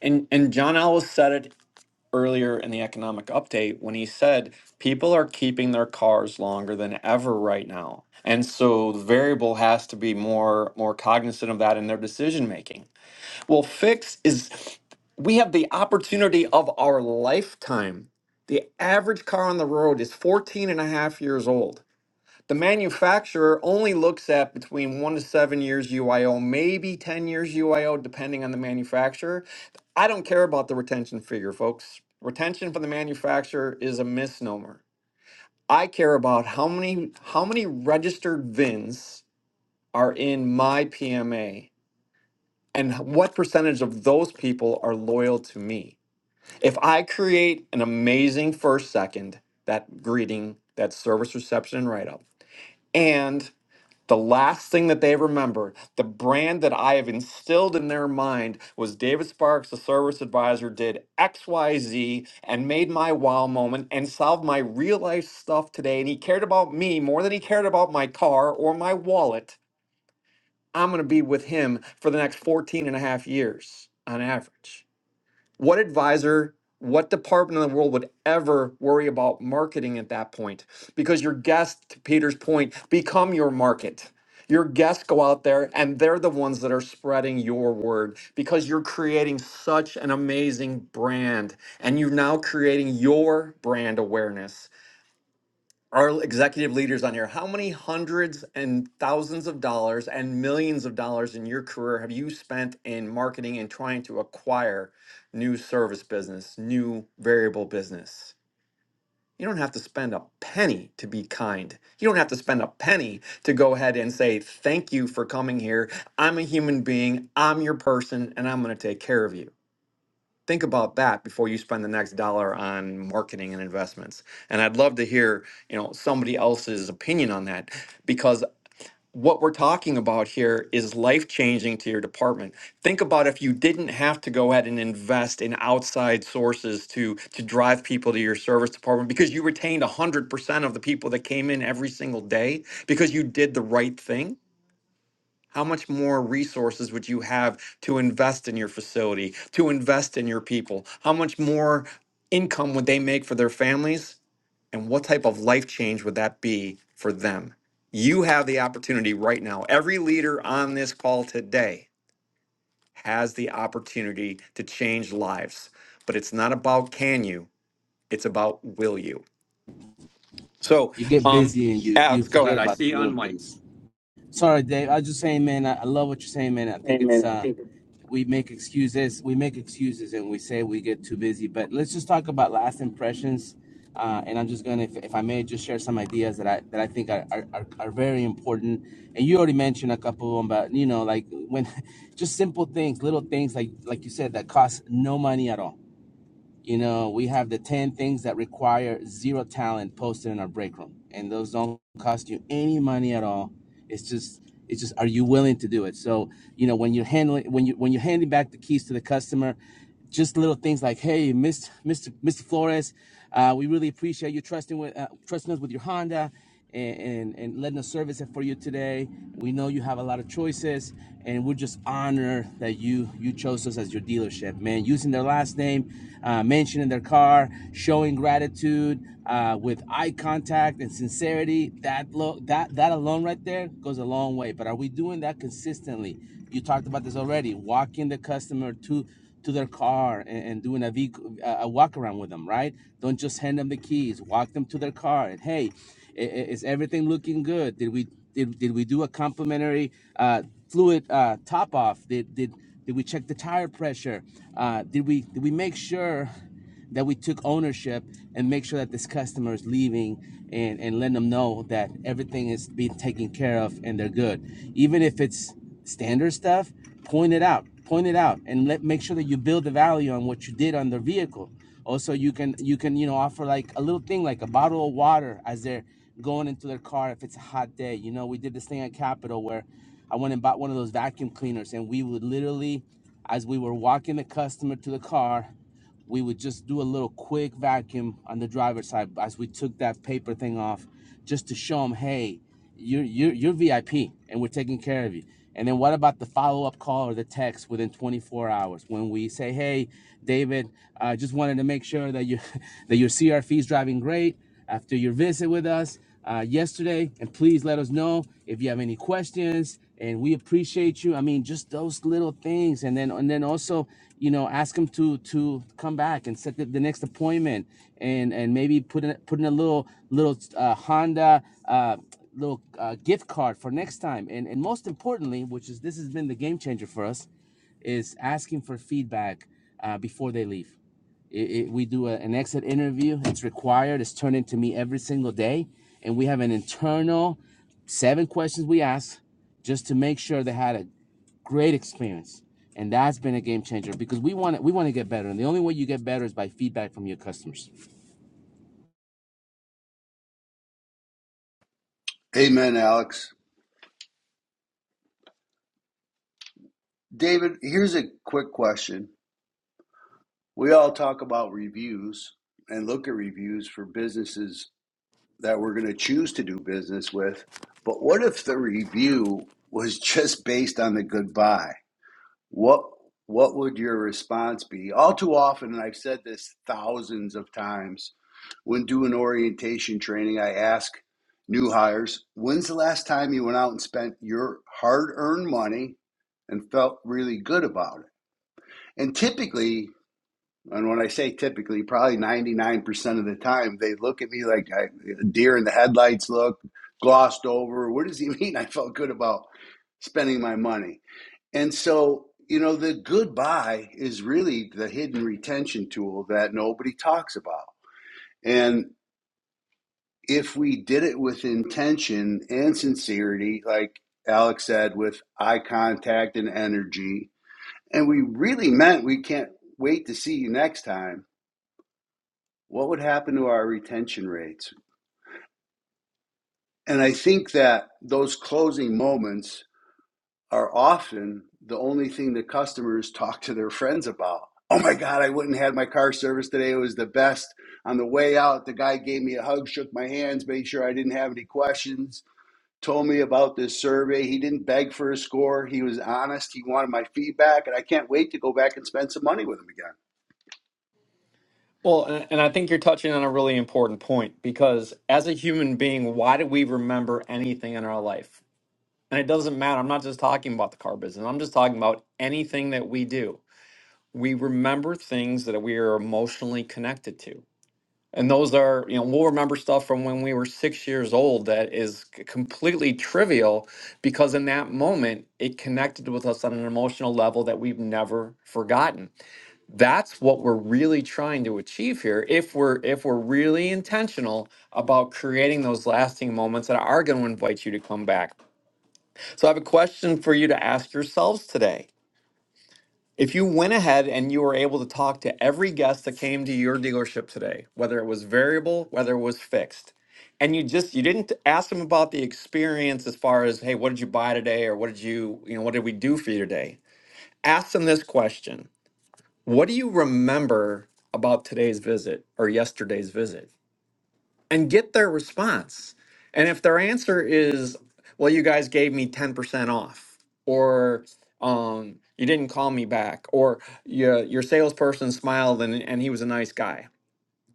and and john ellis said it earlier in the economic update when he said people are keeping their cars longer than ever right now and so the variable has to be more more cognizant of that in their decision making well fix is we have the opportunity of our lifetime the average car on the road is 14 and a half years old the manufacturer only looks at between one to seven years UIO, maybe 10 years UIO, depending on the manufacturer. I don't care about the retention figure, folks. Retention for the manufacturer is a misnomer. I care about how many how many registered VINs are in my PMA and what percentage of those people are loyal to me. If I create an amazing first second, that greeting, that service reception write up, and the last thing that they remember, the brand that I have instilled in their mind was David Sparks, the service advisor, did XYZ and made my wow moment and solved my real life stuff today. And he cared about me more than he cared about my car or my wallet. I'm going to be with him for the next 14 and a half years on average. What advisor, what department in the world would ever worry about marketing at that point? Because your guests, to Peter's point, become your market. Your guests go out there and they're the ones that are spreading your word because you're creating such an amazing brand and you're now creating your brand awareness our executive leaders on here, how many hundreds and thousands of dollars and millions of dollars in your career have you spent in marketing and trying to acquire new service business, new variable business? You don't have to spend a penny to be kind. You don't have to spend a penny to go ahead and say, Thank you for coming here. I'm a human being, I'm your person, and I'm going to take care of you think about that before you spend the next dollar on marketing and investments and i'd love to hear you know somebody else's opinion on that because what we're talking about here is life changing to your department think about if you didn't have to go ahead and invest in outside sources to to drive people to your service department because you retained 100% of the people that came in every single day because you did the right thing how much more resources would you have to invest in your facility, to invest in your people? How much more income would they make for their families? And what type of life change would that be for them? You have the opportunity right now. Every leader on this call today has the opportunity to change lives, but it's not about can you, it's about will you. So, You get um, busy and you you Alex, go forget ahead. I about see the you little on mic. things. Sorry, Dave. I was just saying, man. I, I love what you're saying, man. I think it's uh, we make excuses. We make excuses, and we say we get too busy. But let's just talk about last impressions. Uh, and I'm just gonna, if, if I may, just share some ideas that I that I think are, are, are are very important. And you already mentioned a couple of them, but you know, like when just simple things, little things, like like you said, that cost no money at all you know, we have the 10 things that require zero talent posted in our break room. And those don't cost you any money at all. It's just it's just are you willing to do it? So, you know, when you're handling when you when you're handing back the keys to the customer, just little things like, "Hey, Mr. Mr. Mr. Flores, uh, we really appreciate you trusting with uh, trusting us with your Honda and, and, and letting us service it for you today. We know you have a lot of choices, and we're just honored that you you chose us as your dealership, man. Using their last name, uh, mentioning their car, showing gratitude uh, with eye contact and sincerity. That lo- that that alone right there goes a long way. But are we doing that consistently? You talked about this already. Walking the customer to to their car and, and doing a, vehic- a walk around with them, right? Don't just hand them the keys. Walk them to their car and hey, is everything looking good? Did we did, did we do a complimentary uh, fluid uh, top off? Did did did we check the tire pressure? Uh, did we did we make sure? that we took ownership and make sure that this customer is leaving and, and letting them know that everything is being taken care of and they're good. Even if it's standard stuff, point it out, point it out and let make sure that you build the value on what you did on their vehicle. Also, you can you can you know offer like a little thing like a bottle of water as they're going into their car if it's a hot day. You know, we did this thing at Capitol where I went and bought one of those vacuum cleaners and we would literally as we were walking the customer to the car we would just do a little quick vacuum on the driver's side as we took that paper thing off just to show them hey you're you're, you're vip and we're taking care of you and then what about the follow-up call or the text within 24 hours when we say hey david i uh, just wanted to make sure that you that your crf is driving great after your visit with us uh, yesterday. And please let us know if you have any questions. And we appreciate you. I mean, just those little things, and then and then also, you know, ask them to to come back and set the, the next appointment, and and maybe put in put in a little little uh, Honda. Uh, little uh, gift card for next time and and most importantly which is this has been the game changer for us is asking for feedback uh, before they leave it, it, we do a, an exit interview. It's required. It's turned into me every single day, and we have an internal seven questions we ask just to make sure they had a great experience, and that's been a game changer because we want to, we want to get better, and the only way you get better is by feedback from your customers. Amen, Alex. David, here's a quick question. We all talk about reviews and look at reviews for businesses that we're going to choose to do business with. But what if the review was just based on the goodbye? What what would your response be? All too often, and I've said this thousands of times, when doing orientation training, I ask new hires, when's the last time you went out and spent your hard-earned money and felt really good about it? And typically, and when I say typically, probably 99% of the time, they look at me like I, deer in the headlights look, glossed over. What does he mean I felt good about spending my money? And so, you know, the goodbye is really the hidden retention tool that nobody talks about. And if we did it with intention and sincerity, like Alex said, with eye contact and energy, and we really meant we can't wait to see you next time, what would happen to our retention rates? And I think that those closing moments are often the only thing that customers talk to their friends about. Oh my God, I went and had my car serviced today. It was the best. On the way out, the guy gave me a hug, shook my hands, made sure I didn't have any questions, told me about this survey. He didn't beg for a score. He was honest. He wanted my feedback, and I can't wait to go back and spend some money with him again. Well, and and I think you're touching on a really important point because as a human being, why do we remember anything in our life? And it doesn't matter. I'm not just talking about the car business, I'm just talking about anything that we do. We remember things that we are emotionally connected to. And those are, you know, we'll remember stuff from when we were six years old that is c- completely trivial because in that moment, it connected with us on an emotional level that we've never forgotten that's what we're really trying to achieve here if we're if we're really intentional about creating those lasting moments that are going to invite you to come back so i have a question for you to ask yourselves today if you went ahead and you were able to talk to every guest that came to your dealership today whether it was variable whether it was fixed and you just you didn't ask them about the experience as far as hey what did you buy today or what did you you know what did we do for you today ask them this question what do you remember about today's visit or yesterday's visit? And get their response. And if their answer is, well, you guys gave me 10% off, or um, you didn't call me back, or your, your salesperson smiled and, and he was a nice guy.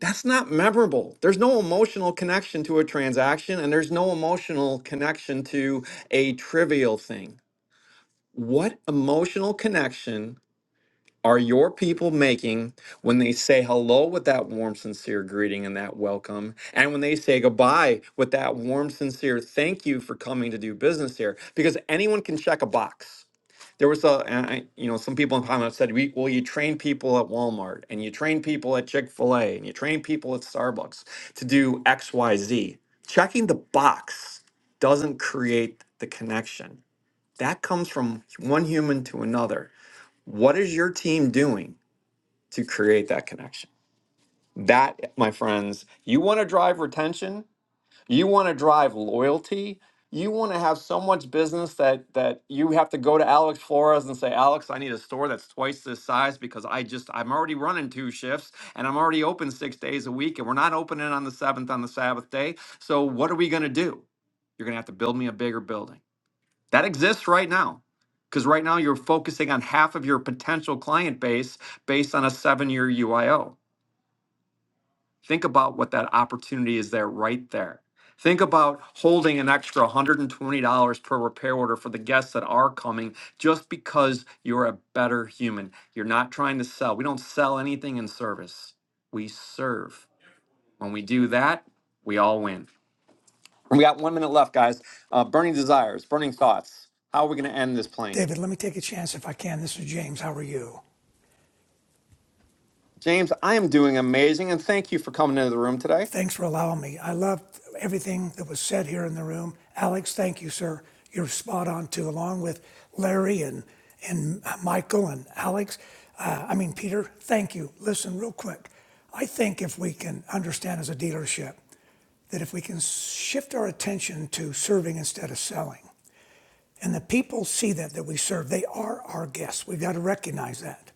That's not memorable. There's no emotional connection to a transaction, and there's no emotional connection to a trivial thing. What emotional connection are your people making when they say hello with that warm, sincere greeting and that welcome, and when they say goodbye with that warm, sincere thank you for coming to do business here? Because anyone can check a box. There was a, and I, you know, some people in comments said, "We- well, you train people at Walmart and you train people at Chick fil A and you train people at Starbucks to do X, Y, Z." Checking the box doesn't create the connection. That comes from one human to another. What is your team doing? to create that connection. That, my friends, you want to drive retention, you want to drive loyalty, you want to have so much business that that you have to go to Alex Flores and say, Alex, I need a store that's twice this size because I just I'm already running two shifts and I'm already open six days a week and we're not opening on the seventh on the Sabbath day. So what are we gonna do? You're gonna have to build me a bigger building. That exists right now. Because right now you're focusing on half of your potential client base based on a seven year UIO. Think about what that opportunity is there right there. Think about holding an extra $120 per repair order for the guests that are coming just because you're a better human. You're not trying to sell. We don't sell anything in service, we serve. When we do that, we all win. We got one minute left, guys. Uh, burning desires, burning thoughts. How are we going to end this plane? David, let me take a chance if I can. This is James. How are you? James, I am doing amazing, and thank you for coming into the room today. Thanks for allowing me. I loved everything that was said here in the room. Alex, thank you, sir. You're spot on too, along with Larry and and Michael and Alex. Uh, I mean, Peter, thank you. Listen, real quick. I think if we can understand as a dealership that if we can shift our attention to serving instead of selling, and the people see that that we serve, they are our guests. We've got to recognize that.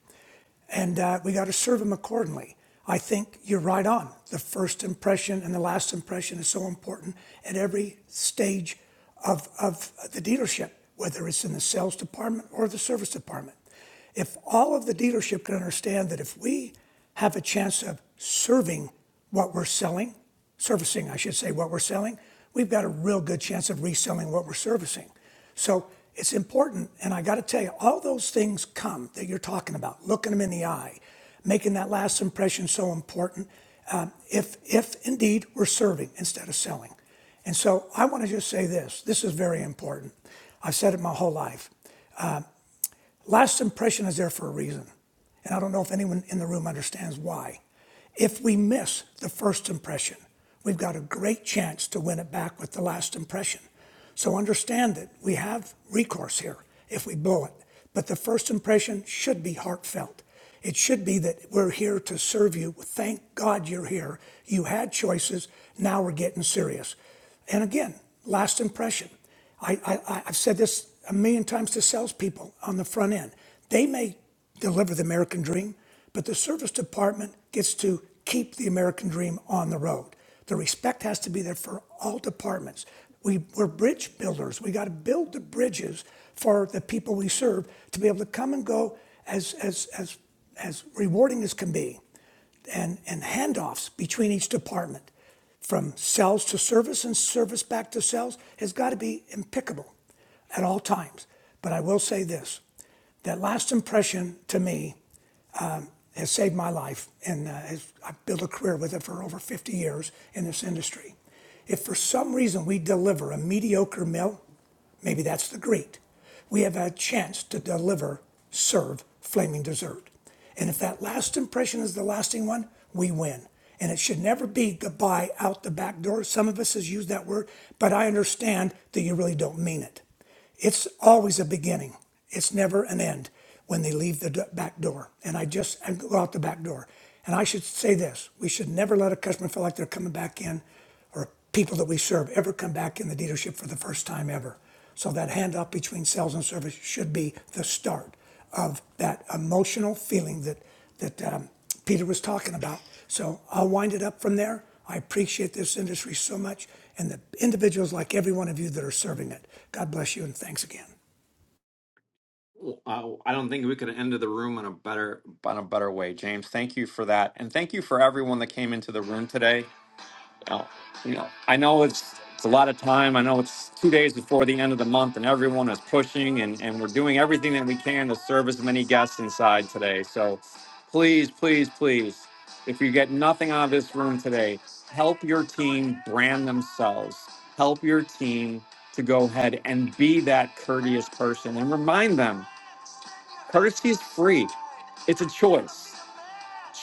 and uh, we got to serve them accordingly. I think you're right on. The first impression and the last impression is so important at every stage of, of the dealership, whether it's in the sales department or the service department. If all of the dealership can understand that if we have a chance of serving what we're selling, servicing, I should say, what we're selling, we've got a real good chance of reselling what we're servicing. So it's important. And I got to tell you, all those things come that you're talking about, looking them in the eye, making that last impression so important. Um, if, if indeed we're serving instead of selling. And so I want to just say this this is very important. I've said it my whole life. Last impression is there for a reason. And I don't know if anyone in the room understands why. If we miss the first impression, we've got a great chance to win it back with the last impression. So understand that we have recourse here if we blow it. But the first impression should be heartfelt. It should be that we're here to serve you. Thank God you're here. You had choices. Now we're getting serious. And again, last impression. I, I, I- have said this a million times to salespeople on the front end. They may deliver the American dream, but the service department gets to keep the American dream on the road. The respect has to be there for all departments. We, we're bridge builders. We got to build the bridges for the people we serve to be able to come and go as, as, as, as rewarding as can be and, and handoffs between each department from sales to service and service back to sales has got to be impeccable at all times. But I will say this that last impression to me has saved my life and uh, has, I've built a career with it for over 50 years in this industry. If for some reason we deliver a mediocre meal, maybe that's the greet. We have a chance to deliver, serve, flaming dessert. And if that last impression is the lasting one, we win. And it should never be goodbye out the back door. Some of us has used that word, but I understand that you really don't mean it. It's always a beginning. It's never an end when they leave the back door. And I just I go out the back door. And I should say this we should never let a customer feel like they're coming back in or people that we serve ever come back in the dealership for the first time ever. So that handoff between sales and service should be the start of that emotional feeling that that um, Peter was talking about. So I'll wind it up from there. I appreciate this industry so much and the individuals like every one of you that are serving it. God bless you and thanks again. Wow, I don't think we could have ended the room on a better on a better way, James. Thank you for that, and thank you for everyone that came into the room today. Uh, you know, I know it's it's a lot of time. I know it's two days before the end of the month, and everyone is pushing, and and we're doing everything that we can to serve as many guests inside today. So, please, please, please, if you get nothing out of this room today, help your team brand themselves. Help your team to go ahead and be that courteous person, and remind them. Courtesy is free. It's a choice.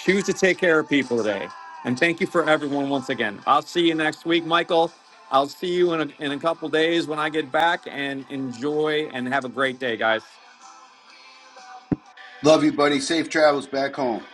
Choose to take care of people today. And thank you for everyone once again. I'll see you next week, Michael. I'll see you in a, in a couple days when I get back and enjoy and have a great day, guys. Love you, buddy. Safe travels back home.